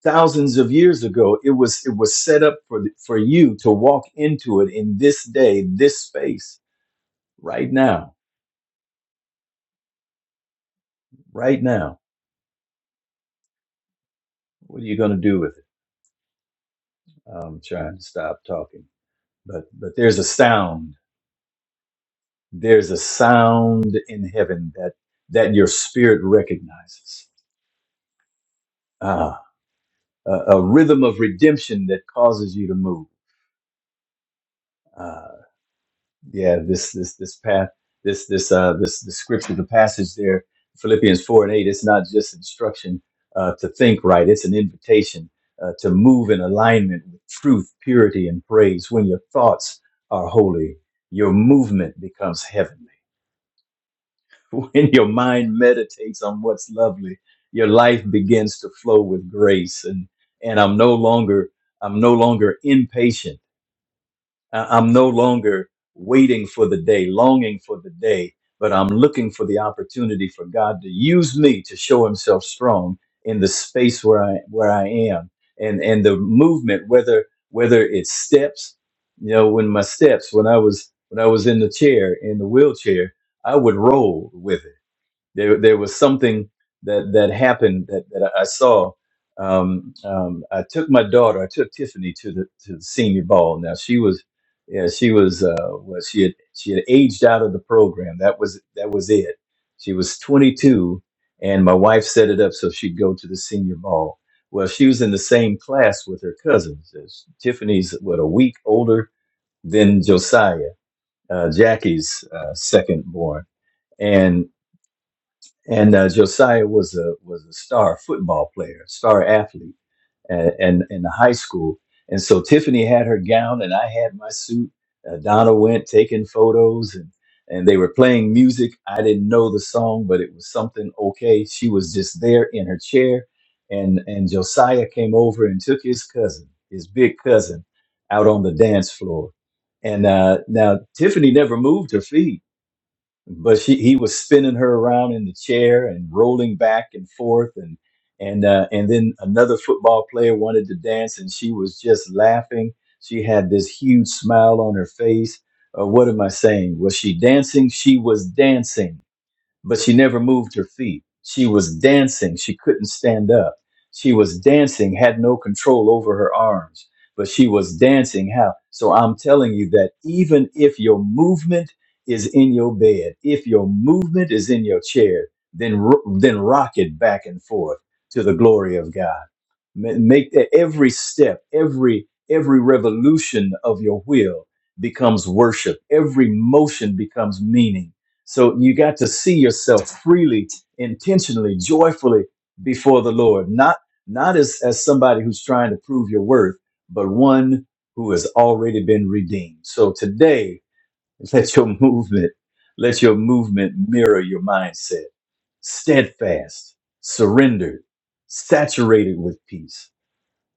Speaker 8: thousands of years ago. It was it was set up for for you to walk into it in this day, this space, right now, right now. What are you going to do with it? I'm trying to stop talking. but but there's a sound there's a sound in heaven that that your spirit recognizes ah a, a rhythm of redemption that causes you to move uh yeah this this this path this this uh this the scripture the passage there philippians 4 and 8 it's not just instruction uh to think right it's an invitation uh, to move in alignment with truth purity and praise when your thoughts are holy your movement becomes heavenly when your mind meditates on what's lovely, your life begins to flow with grace. And and I'm no longer I'm no longer impatient. I- I'm no longer waiting for the day, longing for the day, but I'm looking for the opportunity for God to use me to show Himself strong in the space where I where I am. And and the movement, whether whether it's steps, you know, when my steps, when I was when I was in the chair, in the wheelchair, I would roll with it. There, there was something that that happened that, that I saw. Um, um, I took my daughter. I took Tiffany to the to the senior ball. Now she was, yeah, she was. Uh, well, she had she had aged out of the program. That was that was it. She was 22, and my wife set it up so she'd go to the senior ball. Well, she was in the same class with her cousins. As Tiffany's what a week older than Josiah, uh, Jackie's uh, second born, and and uh, Josiah was a was a star football player, star athlete, and in, in the high school. And so Tiffany had her gown, and I had my suit. Uh, Donna went taking photos, and and they were playing music. I didn't know the song, but it was something okay. She was just there in her chair, and and Josiah came over and took his cousin, his big cousin, out on the dance floor. And uh, now Tiffany never moved her feet but she he was spinning her around in the chair and rolling back and forth and and uh, and then another football player wanted to dance and she was just laughing she had this huge smile on her face uh, what am i saying was she dancing she was dancing but she never moved her feet. She was dancing. She couldn't stand up. She was dancing, had no control over her arms, but she was dancing. How? So I'm telling you that even if your movement is in your bed, if your movement is in your chair, then, ro- then rock it back and forth to the glory of God Ma- make that every step every every revolution of your will becomes worship every motion becomes meaning so you got to see yourself freely intentionally joyfully before the lord not not as as somebody who's trying to prove your worth but one who has already been redeemed so today let your movement let your movement mirror your mindset steadfast surrendered saturated with peace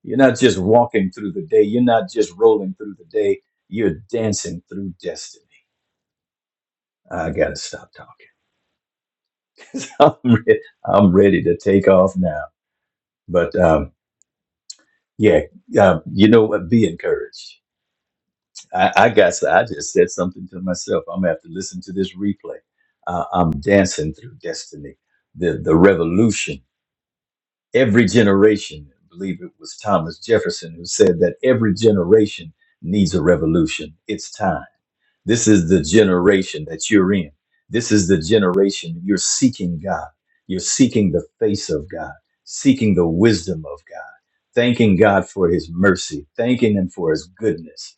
Speaker 8: you're not just walking through the day. You're not just rolling through the day. You're dancing through destiny. I gotta stop talking. I'm, re- I'm ready to take off now. But um, yeah, uh, you know what? Be encouraged. I, I got. s- I just said something to myself. I'm gonna have to listen to this replay. Uh, I'm dancing through destiny. The the revolution. Every generation. I believe it was Thomas Jefferson who said that every generation needs a revolution. It's time. This is the generation that you're in. This is the generation you're seeking God. You're seeking the face of God, seeking the wisdom of God, thanking God for his mercy, thanking him for his goodness.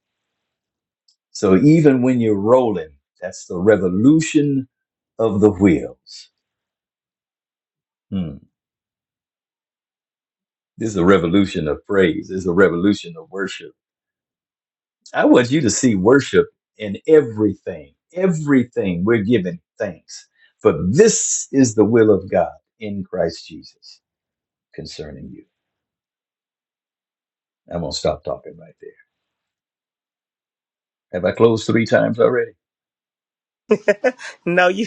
Speaker 8: So even when you're rolling, that's the revolution of the wheels. Hmm. This is a revolution of praise. This is a revolution of worship I want you to see worship in everything. Everything we're giving thanks. For this is the will of God in Christ Jesus concerning you. I'm going to stop talking right there. Have I closed three times already?
Speaker 2: No, you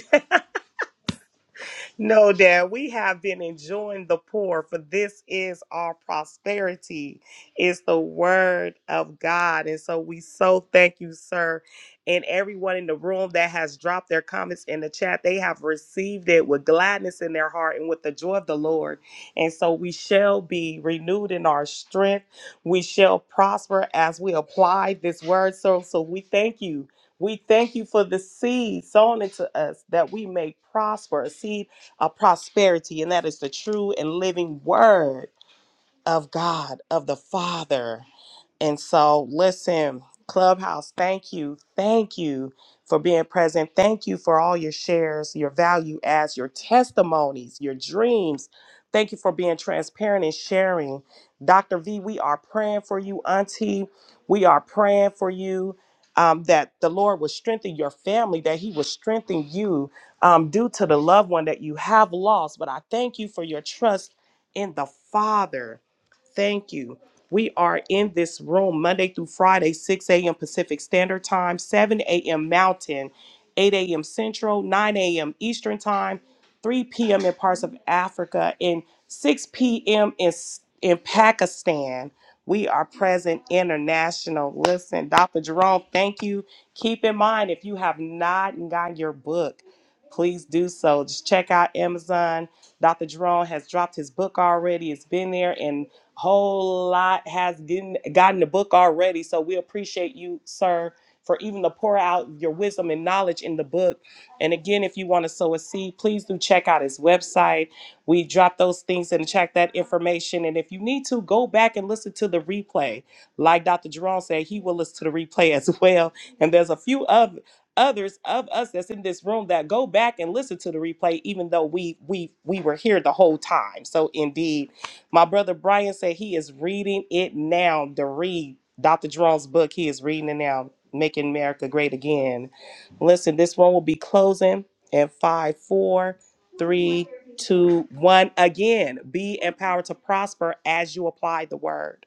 Speaker 2: No, Dad, we have been enjoying the poor, for this is our prosperity, is the word of God. And so we so thank you, sir, and everyone in the room that has dropped their comments in the chat. They have received it with gladness in their heart and with the joy of the Lord. And so we shall be renewed in our strength. We shall prosper as we apply this word. So, so we thank you. We thank you for the seed sown into us that we may prosper, a seed uh, prosperity, and that is the true and living word of God, of the Father. And so, listen, Clubhouse, thank you. Thank you for being present. Thank you for all your shares, your value adds, your testimonies, your dreams. Thank you for being transparent and sharing. Dr. V, we are praying for you, Auntie. We are praying for you. um, that the Lord will strengthen your family, that He will strengthen you um, due to the loved one that you have lost. But I thank you for your trust in the Father. Thank you. We are in this room Monday through Friday, 6 a.m. Pacific Standard Time, 7 a.m. Mountain, 8 a.m. Central, 9 a.m. Eastern Time, 3 p.m. in parts of Africa, and 6 p.m. in, S- in Pakistan. We are present international. Listen, Dr. Jerome, thank you. Keep in mind, if you have not gotten your book, please do so. Just check out Amazon. Dr. Jerome has dropped his book already. It's been there, and whole lot has gotten gotten the book already so we appreciate you sir for even to pour out your wisdom and knowledge in the book and again if you want to sow a seed please do check out his website we drop those things and check that information and if you need to go back and listen to the replay like dr jerome said he will listen to the replay as well and there's a few of others of us that's in this room that go back and listen to the replay even though we we we were here the whole time so indeed my brother Brian said he is reading it now to read Dr. Jerome's book. He is reading it now, Making America Great Again. Listen, this one will be closing in five, four, three, two, one. Again, be empowered to prosper as you apply the word.